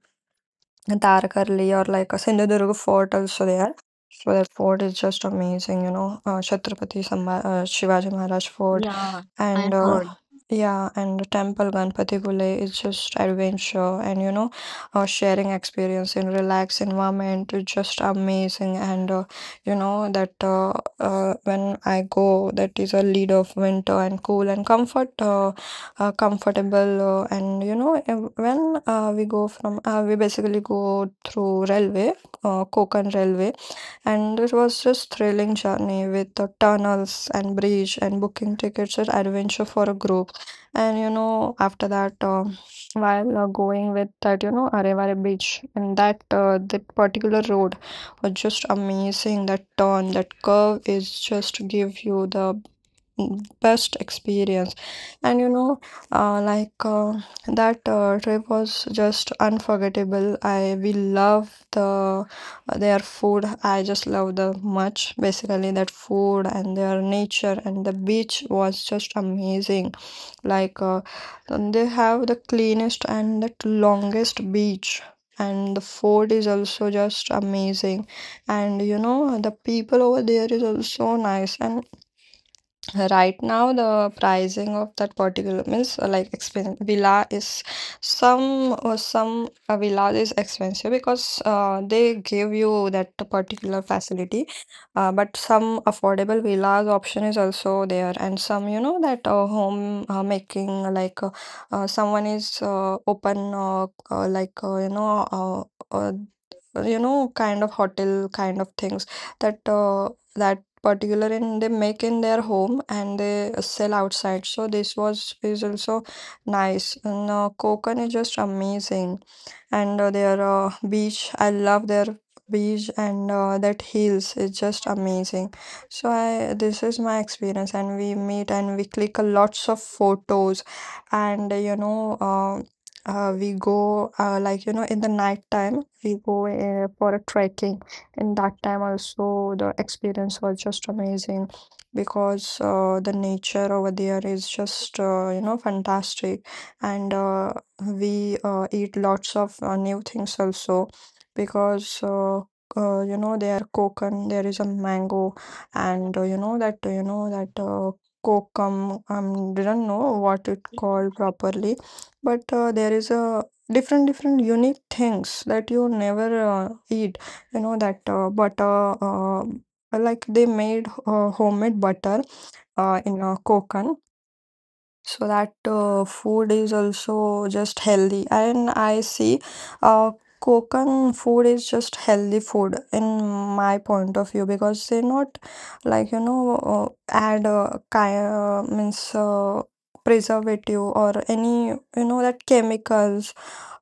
A: Tarakarli or like a Sindhudurg fort also there. So that fort is just amazing, Chhatrapati Samba, Shivaji Maharaj Fort,
B: Yeah, I
A: and,
B: heard.
A: yeah, and the temple Ganpati Gule is just adventure, and sharing experience in relaxed environment is just amazing, and, that, when I go, that is a lead of winter and cool and comfortable, and when we go from, we basically go through railway, Konkan railway, and it was just thrilling journey with the tunnels and bridge, and booking tickets, and adventure for a group. And after that, while going with that, Arevare beach, and that, that particular road was just amazing. That turn, that curve is just give you the best experience. And uh, like uh, that trip was just unforgettable. I we love the, their food. I just love the much basically that food and their nature, and the beach was just amazing, like uh, and they have the cleanest and the longest beach, and the food is also just amazing, and the people over there is also nice. And right now, the pricing of that particular means, like expensive villa is some, villa is expensive because they give you that particular facility, but some affordable villas option is also there, and some that, home, making, like uh, someone is, open, like uh, uh, you know kind of hotel kind of things, that, that particular, and they make in their home and they sell outside. So this was is also nice, and Konkan is just amazing, and their beach. I love their beach, and that hills is just amazing. So i this is my experience, and we meet and we click a lots of photos, and, we go, in the night time we go for a trekking. In that time also, the experience was just amazing, because the nature over there is just, fantastic. And we eat lots of new things also because, there are coconut, there is a mango, and, that, that kokum. Didn't know what it called properly, but there is a different different unique things that you never eat. You know, that butter, like they made homemade butter in Konkan. So that food is also just healthy, and I see uh, Konkan food is just healthy food in my point of view, because they not like, add, means, preservative or any that chemicals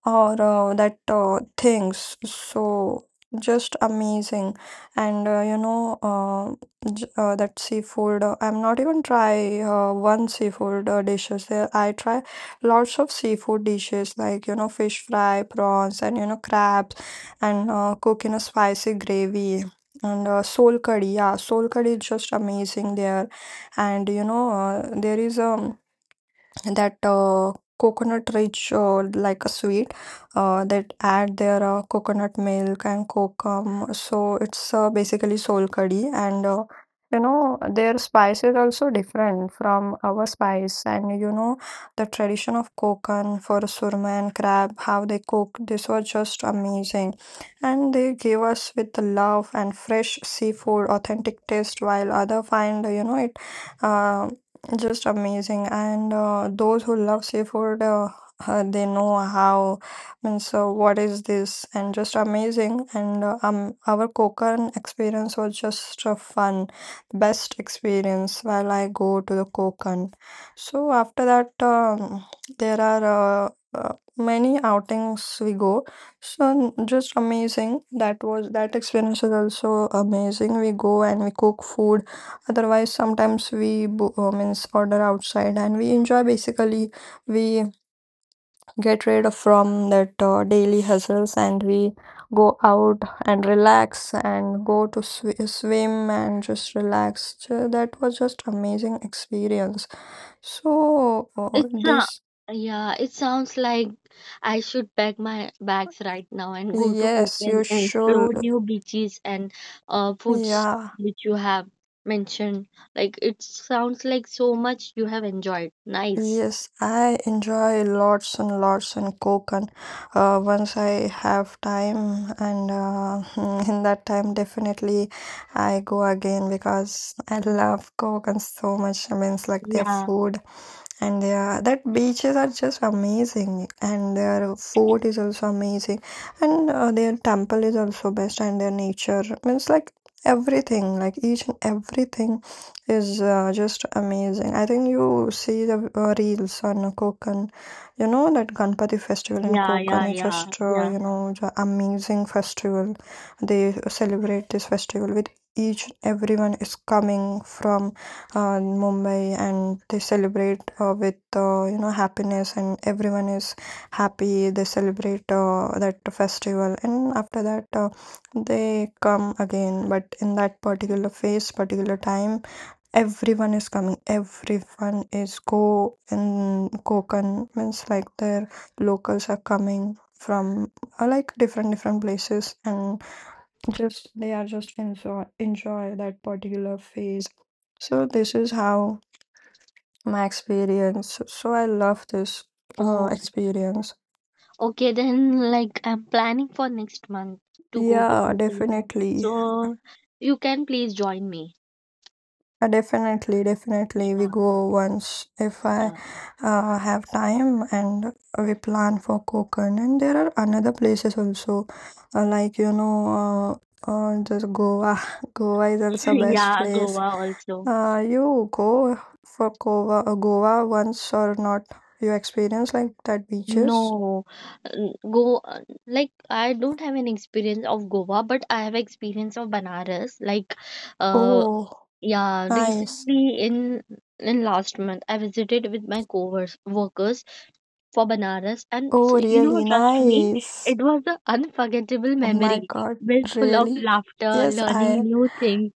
A: or that things. So just amazing, and, that seafood, I'm not even try one seafood dishes there. I try lots of seafood dishes like, fish fry, prawns, and, crabs, and cook in a spicy gravy, and soul curry. Yeah, soul curry is just amazing there. And there is, that, coconut rich, like a sweet, that add their coconut milk and kokum. So it's basically soul curry. And, their spice is also different from our spice, and the tradition of Kokan for surma and crab, how they cook. This was just amazing, and they gave us with the love and fresh seafood authentic taste while other find, it, uh, just amazing. And those who love seafood, they know how, means, what is this, and just amazing. And our Konkan experience was just fun, best experience while I go to the Konkan. So after that, there are uh, uh, many outings we go. So just amazing. That was, that experience is also amazing. We go and we cook food. Otherwise, sometimes we means order outside, and we enjoy. Basically, we get rid of from that daily hustles, and we go out and relax, and go to swim and just relax. So that was just amazing experience. So
B: It's
A: this,
B: yeah, it sounds like I should pack my bags right now and go to
A: yes,
B: Open
A: you
B: and explore
A: should.
B: new beaches and foods
A: Yeah.
B: which you have mentioned. Like it sounds like so much you have enjoyed. Nice.
A: Yes, I enjoy lots and lots, and coke, and once I have time, and <laughs> in that time definitely I go again, because I love coke and so much. I mean, it's like their
B: Yeah,
A: food. And yeah, that beaches are just amazing, and their food is also amazing, and their temple is also best, and their nature means like everything. Like each and everything is just amazing. I think you see the reels on Konkan. You know that Ganpati festival in
B: yeah, yeah,
A: Konkan is
B: yeah,
A: just,
B: yeah.
A: the amazing festival. They celebrate this festival with each. Everyone is coming from in Mumbai, and they celebrate with, happiness, and everyone is happy. They celebrate that festival, and after that they come again. But in that particular phase, particular time, everyone is coming. Everyone is go in Konkan, means like their locals are coming from like different different places, and just they are just enjoy enjoy that particular phase. So this is how my experience. So I love this
B: Oh,
A: experience.
B: okay. Then, like, I'm planning for next month to go to
A: Yeah,
B: Goa.
A: definitely.
B: So, you can please join me.
A: Definitely, definitely we
B: Yeah,
A: go once if I
B: yeah,
A: have time, and we plan for Konkan. And there are another places also, uh, like you know uh, just Goa. <laughs> Goa is also
B: <laughs>
A: best
B: yeah.
A: place.
B: Goa also.
A: You go for Goa, Goa, once or not? You experience like that beaches?
B: No, n- go like I don't have an experience of Goa, but I have experience of Banaras. Like, uh,
A: Oh,
B: yeah,
A: nice.
B: recently in last month I visited with my coworkers workers for Banaras. And
A: Oh, really
B: trust me,
A: nice.
B: it was an unforgettable
A: Oh my
B: memory
A: God,
B: built full of
A: really?
B: laughter,
A: Yes,
B: learning
A: I.
B: new things,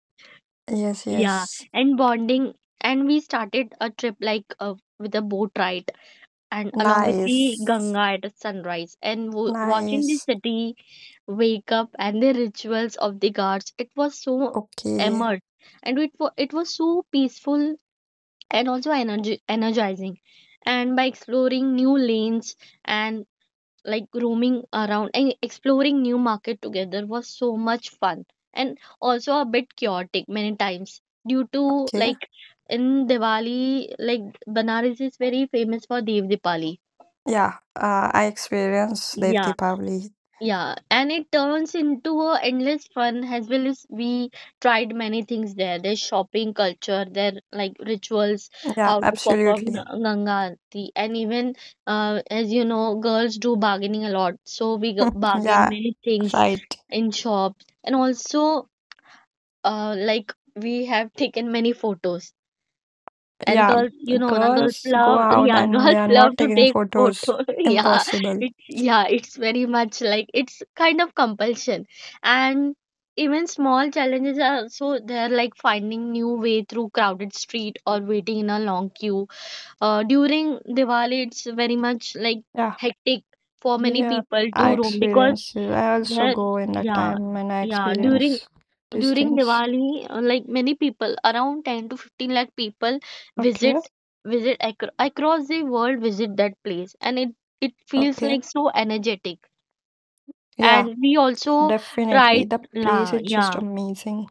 A: Yes,
B: yeah,
A: yes.
B: and bonding. And we started a trip like with a boat ride and along with the
A: Nice,
B: Ganga at sunrise, and watching the
A: nice.
B: city wake up and the rituals of the gods. It was so
A: Okay,
B: immersed, and it was so peaceful and also energy energizing. And by exploring new lanes and like roaming around and exploring new market together was so much fun, and also a bit chaotic many times due to
A: okay.
B: like in Diwali, like Banaras is very famous for Dev Diwali.
A: Yeah, I experienced Dev
B: Yeah,
A: Deepavali.
B: yeah, and it turns into a endless fun as well as we tried many things there. There's shopping culture, there like rituals,
A: Yeah,
B: how to perform
A: absolutely.
B: Ganga Aarti. And even as you know, girls do bargaining a lot, so we
A: <laughs>
B: bargain
A: Yeah,
B: many things
A: right.
B: in shops, and also like we have taken many photos. And
A: Yeah,
B: girls, you know, na girls
A: girls go
B: love,
A: out
B: yeah, <laughs>
A: and they
B: girls
A: are
B: love
A: not
B: to
A: taking
B: take photo.
A: photos.
B: <laughs>
A: Impossible.
B: Yeah, it's very much like it's kind of compulsion. And even small challenges are so they're like finding new way through crowded street or waiting in a long queue. During Diwali, it's very much like
A: Yeah,
B: hectic for many
A: yeah.
B: people
A: I
B: to roam because
A: experience it. I also
B: they're
A: go in that
B: yeah,
A: time and I
B: yeah,
A: experience these
B: during
A: things.
B: Diwali, like many people, around 10 to 15 lakh people
A: Okay,
B: visit visit across the world visit that place, and it feels
A: okay.
B: like so energetic.
A: Yeah,
B: And we also
A: definitely.
B: tried,
A: The place
B: la,
A: is just
B: yeah,
A: amazing.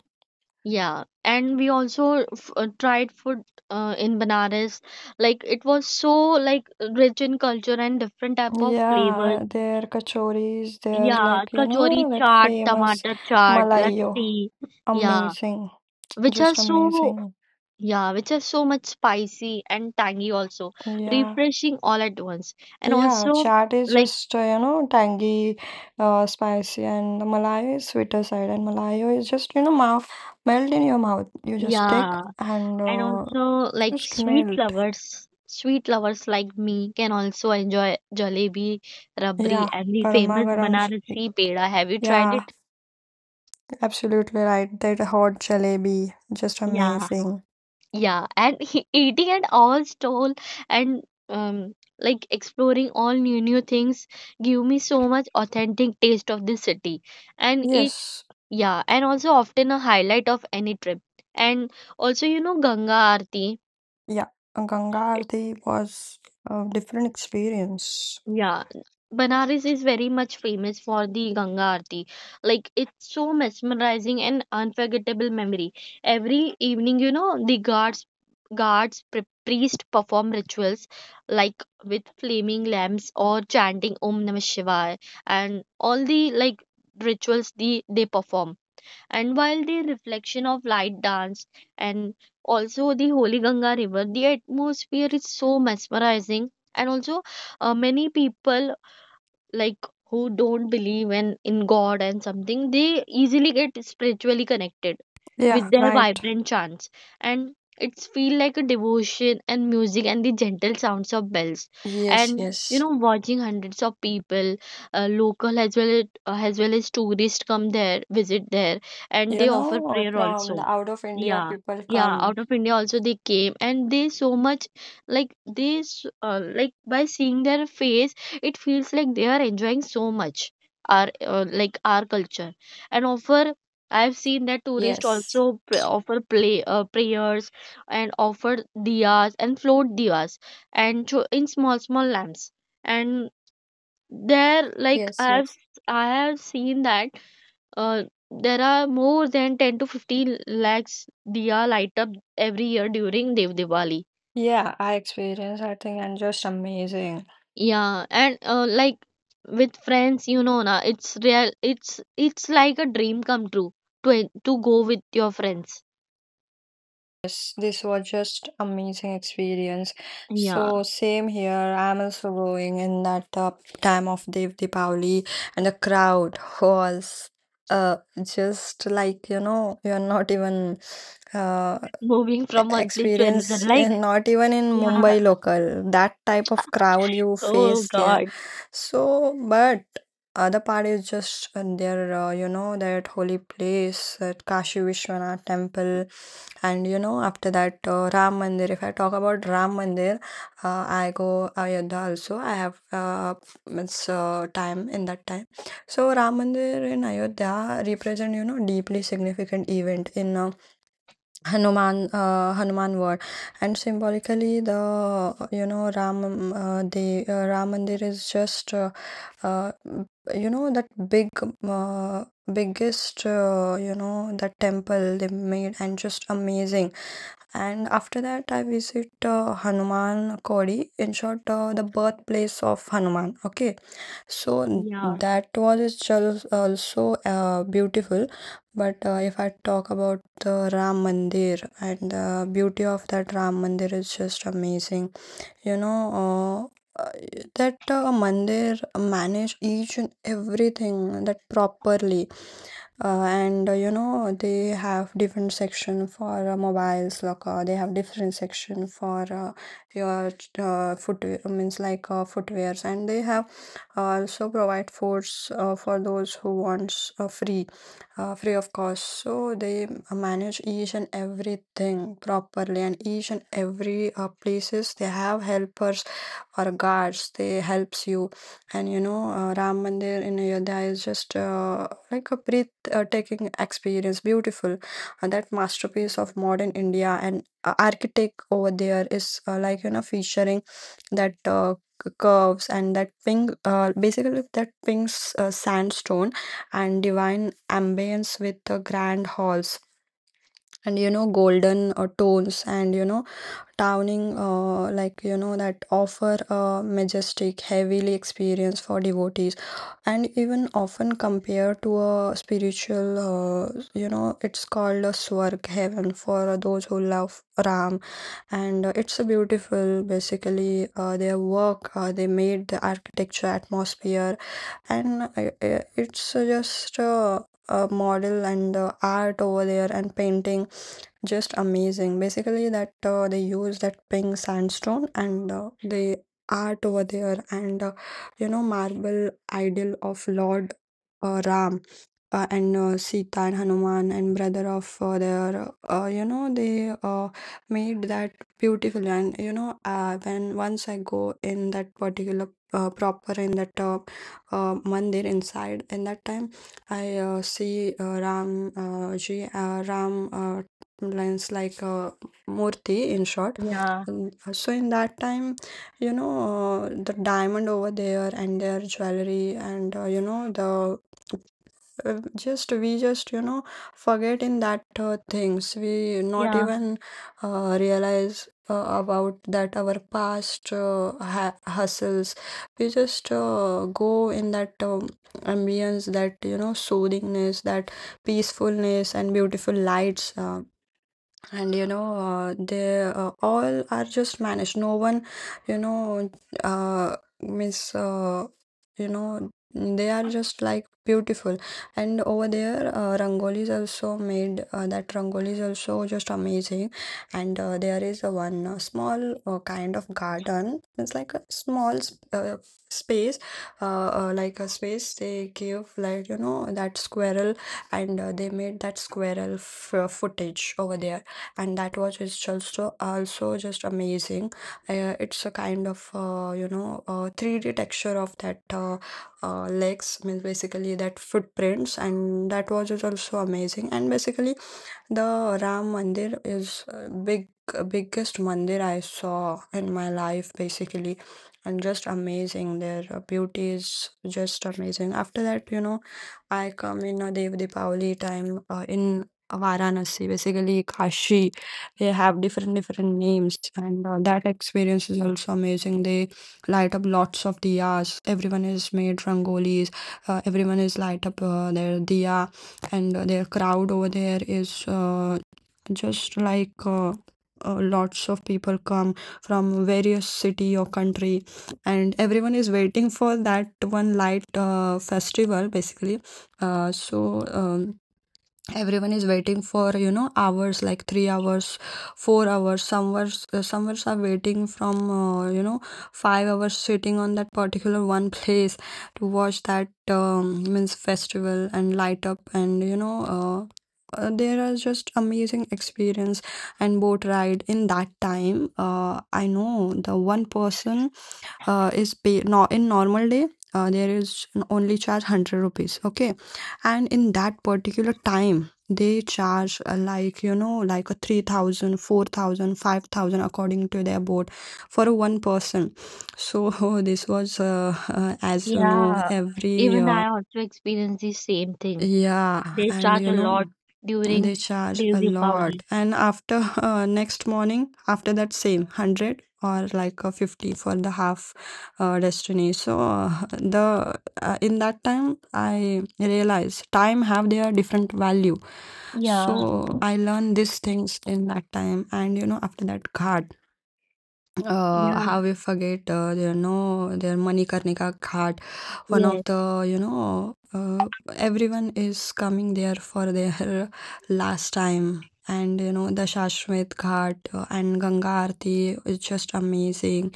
B: yeah, and we also f tried food in Banaras. Like it was so like rich in culture and different type of
A: Yeah,
B: flavors.
A: their kachoris, they're
B: Yeah,
A: like, you
B: kachori
A: know, that
B: chaat,
A: famous
B: tomato chaat,
A: Malayo.
B: lassi, yeah,
A: Amazing.
B: which are
A: Just
B: so
A: amazing.
B: yeah, which are so much spicy and tangy also,
A: Yeah.
B: refreshing all at once. And
A: Yeah,
B: also
A: chaat is
B: like
A: just, tangy, spicy, and the Malai is sweeter side, and Malayo is just, mouth melt in your mouth. You just take
B: yeah,
A: and
B: and also like
A: just melt.
B: sweet lovers like me can also enjoy jalebi, rabri
A: Yeah,
B: and the
A: garma
B: famous
A: garam.
B: Banarasi peda. Have you tried it?
A: Yeah, absolutely right. That hot jalebi, just
B: Yeah,
A: amazing.
B: yeah, and <laughs> eating at all stall and um like exploring all new things give me so much authentic taste of this city and it.
A: Yes,
B: Yeah, and also often a highlight of any trip. And also, you know, Ganga Aarti.
A: yeah, Ganga Aarti was a different experience.
B: Yeah, Banaras is very much famous for the Ganga Aarti. Like, it's so mesmerizing and unforgettable memory. Every evening, you know, the guards, priest perform rituals like with flaming lamps or chanting Om Namah Shivaya, and all the like rituals the they perform. And while the reflection of light dance and also the Holy Ganga River, the atmosphere is so mesmerizing. And also, many people like who don't believe in God and something, they easily get spiritually connected
A: Yeah,
B: with their
A: right.
B: vibrant chants, and it's feel like a devotion and music and the gentle sounds of bells.
A: Yes,
B: And you
A: yes.
B: know, watching hundreds of people, local as well as well as tourists come there visit there, and
A: You
B: they offer
A: know,
B: prayer
A: from
B: also,
A: the out of India,
B: yeah,
A: people
B: yeah,
A: come.
B: out of India also they came, and they so much like they like by seeing their face it feels like they are enjoying so much our like our culture and offer. I've seen that tourists
A: Yes,
B: also pr- offer play prayers and offer diyas and float diyas and in small lamps. And there, like
A: yes, yes.
B: I have seen that uh, there are more than 10 to 15 lakhs diya light up every year during Dev Diwali.
A: Yeah, I experienced, I think, and just amazing.
B: Yeah, and like with friends, you know, na it's real. It's like a dream come true to to go with your friends.
A: Yes, this was just amazing experience.
B: Yeah.
A: So same here. I'm also going in that time of Dev Deepavali, and the crowd was uh just like, you know, you're not even uh
B: Moving from one place to
A: experience
B: another, like,
A: in, not even in Mumbai
B: yeah,
A: local, that type of crowd you
B: oh
A: face there.
B: God,
A: So but other part is just there, you know, that holy place, that Kashi Vishwanath temple, and you know after that, Ram Mandir. If I talk about Ram Mandir, I go Ayodhya also. I have means, time in that time. So Ram Mandir in Ayodhya represent, you know, deeply significant event in Hanuman Hanuman war, and symbolically the, you know, Ram, the Ram Mandir is just uh, you know, that big, uh, biggest, you know, that temple they made, and just amazing. And after that I visit Hanuman Kodi in short, the birthplace of Hanuman. Okay, so
B: yeah,
A: that was also beautiful. But if I talk about the Ram Mandir, and the beauty of that Ram Mandir is just amazing, you know, uh, uh, that mandir manage each and everything that properly. And you know, they have different section for mobiles, like they have different section for your footwear, means like footwears, and they have also provide foods for those who wants, free free of cost. So they manage each and everything properly, and each and every places they have helpers or guards. They helps you, and you know, Ram Mandir in Ayodhya is just like a breathtaking experience, beautiful. And that masterpiece of modern India, and architect over there is like, you know, featuring that curves and that pink basically that pink sandstone and divine ambience with the grand halls and, you know, golden tones, and you know towning like, you know, that offer a majestic heavenly experience for devotees, and even often compared to a spiritual, you know, it's called a swarg heaven for those who love ram. And it's a beautiful, basically, their work they made the architecture atmosphere, and it's just a model, and the art over there and painting just amazing, basically that they use that pink sandstone, and the art over there, and you know, marble idol of lord ram, and sita and hanuman and brother of their you know, they made that beautiful. And you know, when once I go in that particular proper in that mandir inside, in that time, I see Ram Ji, Ram lines like, Murti in short.
B: yeah,
A: So in that time, you know, the diamond over there and their jewelry, and you know, the just we just, you know, forget in that things, we not
B: yeah,
A: even realize about that our past hustles. We just go in that ambience, that you know soothingness, that peacefulness and beautiful lights, and you know, they all are just managed, no one, you know, miss, you know, they are just like beautiful. And over there, rangoli also made, that rangoli is also just amazing. And there is a one small kind of garden, it's like a small s- space, like a space they give, like, you know, that squirrel, and they made that squirrel footage over there, and that watch is just also just amazing. It's a kind of you know, 3D texture of that legs means, basically, that footprints, and that watch is also amazing. And basically the Ram Mandir is, big biggest mandir I saw in my life basically, and just amazing, their beauty is just amazing. After that, you know, I come in a Dev Deepavali time, in Varanasi, basically Kashi. They have different different names, and that experience is also amazing. They light up lots of diyas. Everyone is made rangolis. Everyone is light up their diya, and their crowd over there is just like. Lots of people come from various city or country, and everyone is waiting for that one light festival basically, so everyone is waiting for, you know, hours like 3 hours, 4 hours, some hours are waiting from, you know, 5 hours, sitting on that particular one place to watch that, um, means, festival and light up. And you know, there are just amazing experience. And boat ride in that time, I know the one person is pay, no, in normal day, there is only charge 100 rupees, okay, and in that particular time they charge, like, you know, like a 3,000, according to their board for one person. So <laughs> this was, as you know,
B: yeah.
A: every,
B: Even I also experience the same thing.
A: yeah,
B: They
A: and
B: charge a
A: you
B: lot
A: know,
B: during
A: they charge
B: the
A: a
B: Deepavali.
A: lot. And after <laughs> next morning, after that same 100 or like a 50 for the half, destiny. So the in that time I realized time have their different value.
B: Yeah,
A: So I learned these things in that time. And you know, after that ghat,
B: yeah,
A: how we forget, you know, their Manikarnika Ghat, one
B: yes,
A: of the, you know, everyone is coming there for their <laughs> last time. And you know, the Shashwat Ghat, and Ganga Aarti is just amazing.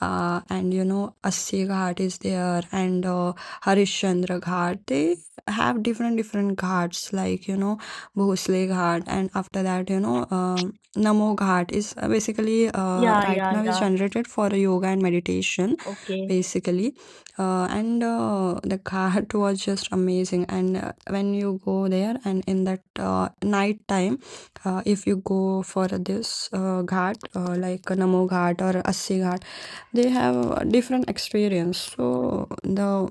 A: And you know, Assi Ghat is there, and Harishchandra Ghat. They have different different ghats, like, you know, Bhosle Ghat, and after that, you know, Namo Ghat is basically,
B: yeah,
A: right
B: yeah,
A: now is
B: yeah.
A: generated for yoga and meditation,
B: Okay.
A: basically. And the ghat <laughs> was just amazing. And when you go there, and in that night time, if you go for this ghat, like Namo Ghat or Assi Ghat, they have a different experience. So the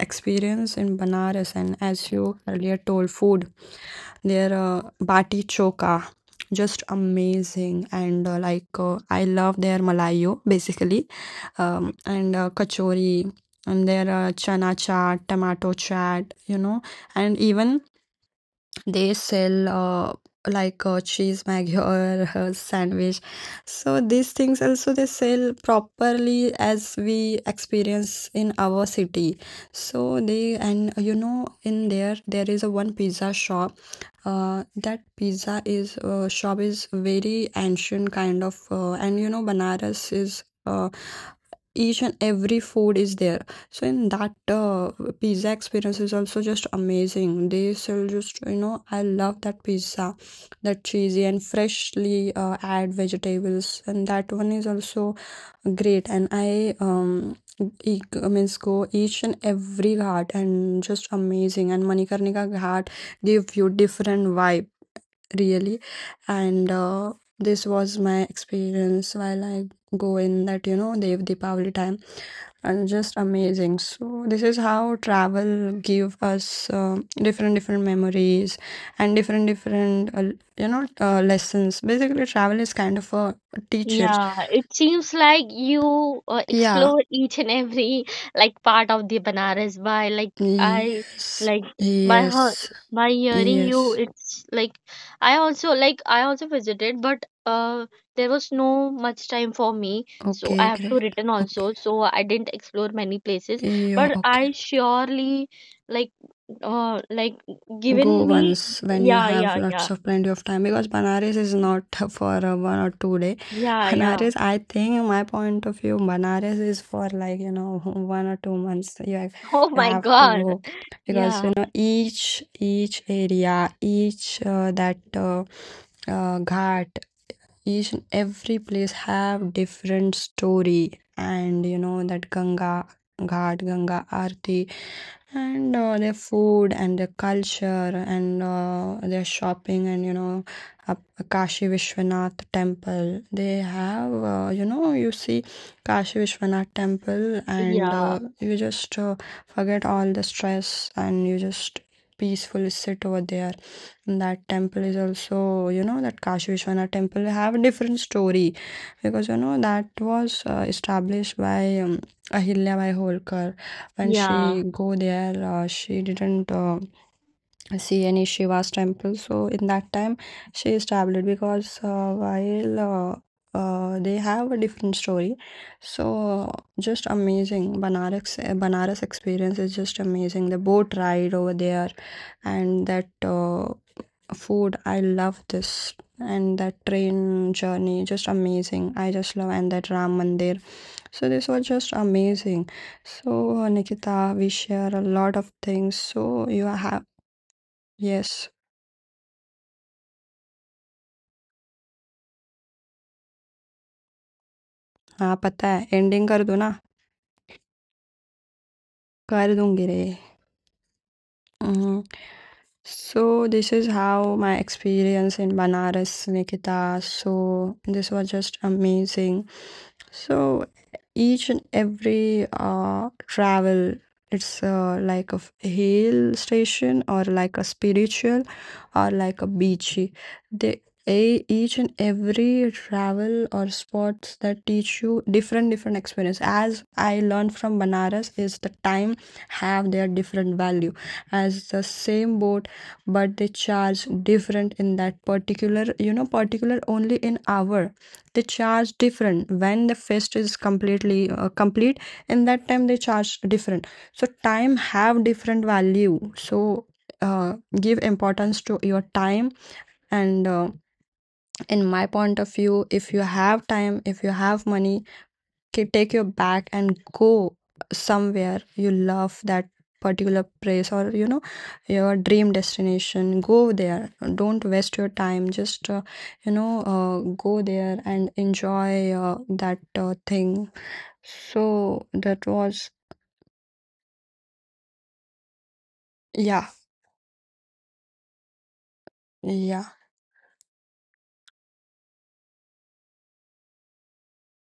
A: experience in Banaras, and as you earlier told, food. Their bati choka, just amazing. And like, I love their malayo basically, and kachori, and their chana chaat, tomato chaat, you know, and even they sell, like a cheese maggi or a <laughs> sandwich. So these things also they sell properly, as we experience in our city. So they, and you know, in there, there is a one pizza shop, that pizza is shop is very ancient kind of, and you know, Banaras is, each and every food is there. So in that pizza experience is also just amazing. They sell, just, you know, I love that pizza, that cheesy and freshly add vegetables, and that one is also great. And I e- I means go each and every ghat, and just amazing. And Manikarnika ghat give you different vibe really, and this was my experience while I go in that, you know, Dev Deepavali time, and just amazing. So this is how travel give us different different memories and different different, you know, lessons. Basically travel is kind of a teacher.
B: Yeah, it seems like you
A: Yeah,
B: explore each and every like part of the Banaras by like I
A: yes,
B: like by her
A: yes,
B: by hearing you.
A: yes.
B: It's like I also visited, but there was no much time for me so I
A: Okay,
B: have to
A: great.
B: return also,
A: Okay,
B: so I didn't explore many places
A: yeah,
B: but
A: okay.
B: I surely like uh like
A: Go
B: given me,
A: once when you
B: yeah,
A: have
B: yeah, yeah,
A: lots of plenty of time, because Banaras is not <laughs> for a one or two day. <laughs>
B: yeah, yeah,
A: Banaras, I think, my point of view, Banaras is for like, you know, <laughs> one or two months.
B: <laughs> oh
A: You
B: my
A: have to
B: God,
A: go, because you
B: yeah.
A: know each area, each that ghat, each and every place have different story. And you know, that ganga ghat, ganga aarti, and their food, and their culture, and their shopping. And you know, up- kashi vishwanath temple, they have, you know, you see kashi vishwanath temple, and
B: Yeah,
A: you just forget all the stress and you just peaceful sit over there. And that temple is also, you know, that kashi vishwanath temple have a different story, because you know that was established by ahilya bai holkar. When
B: yeah.
A: she go there, she didn't see any Shiva's temple. So in that time, she is traveled, because while they have a different story. So just amazing. Banaras experience is just amazing. The boat ride over there, and that food. I love this. And that train journey, just amazing. I just love, and that Ram Mandir. So this was just amazing. So Nikita, we share a lot of things. So you have, yes. हाँ, पता है ending कर दो ना। कर दूँगी रे। उहुँ, so this is how my experience in Banaras, Nikita. So this was just amazing. So each and every travel, it's like a hill station or like a spiritual or like a beachy. They a, each and every travel or spots that teach you different different experience. As I learned from Banaras, is the time have their different value, as the same boat, but they charge different in that particular, you know, particular only in hour they charge different, when the fest is completely complete. In that time they charge different. So time have different value. So uh, give importance to your time. And in my point of view, if you have time, if you have money, take your bag and go somewhere you love that particular place, or you know, your dream destination, go there, don't waste your time, just you know, go there and enjoy that thing. So that was, yeah, yeah.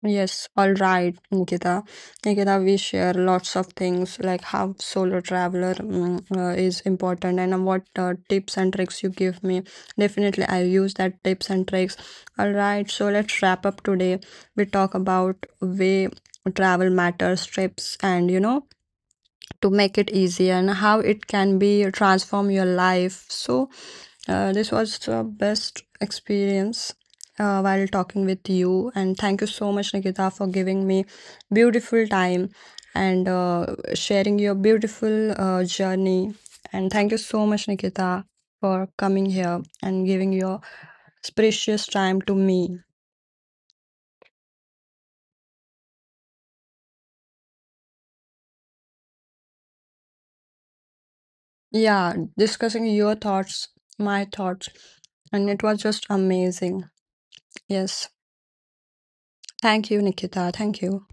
A: Yes, all right, Nikita. Nikita, we share lots of things, like how solo traveler, is important, and what tips and tricks you give me. Definitely, I use that tips and tricks. All right, so let's wrap up today. We talk about way travel matters, trips, and you know, to make it easy, and how it can be transform your life. So this was the best experience while talking with you, and thank you so much Nikita for giving me beautiful time, and sharing your beautiful journey, and thank you so much Nikita for coming here and giving your precious time to me. Yeah, discussing your thoughts, my thoughts, and it was just amazing. Yes, thank you, Nikita. Thank you.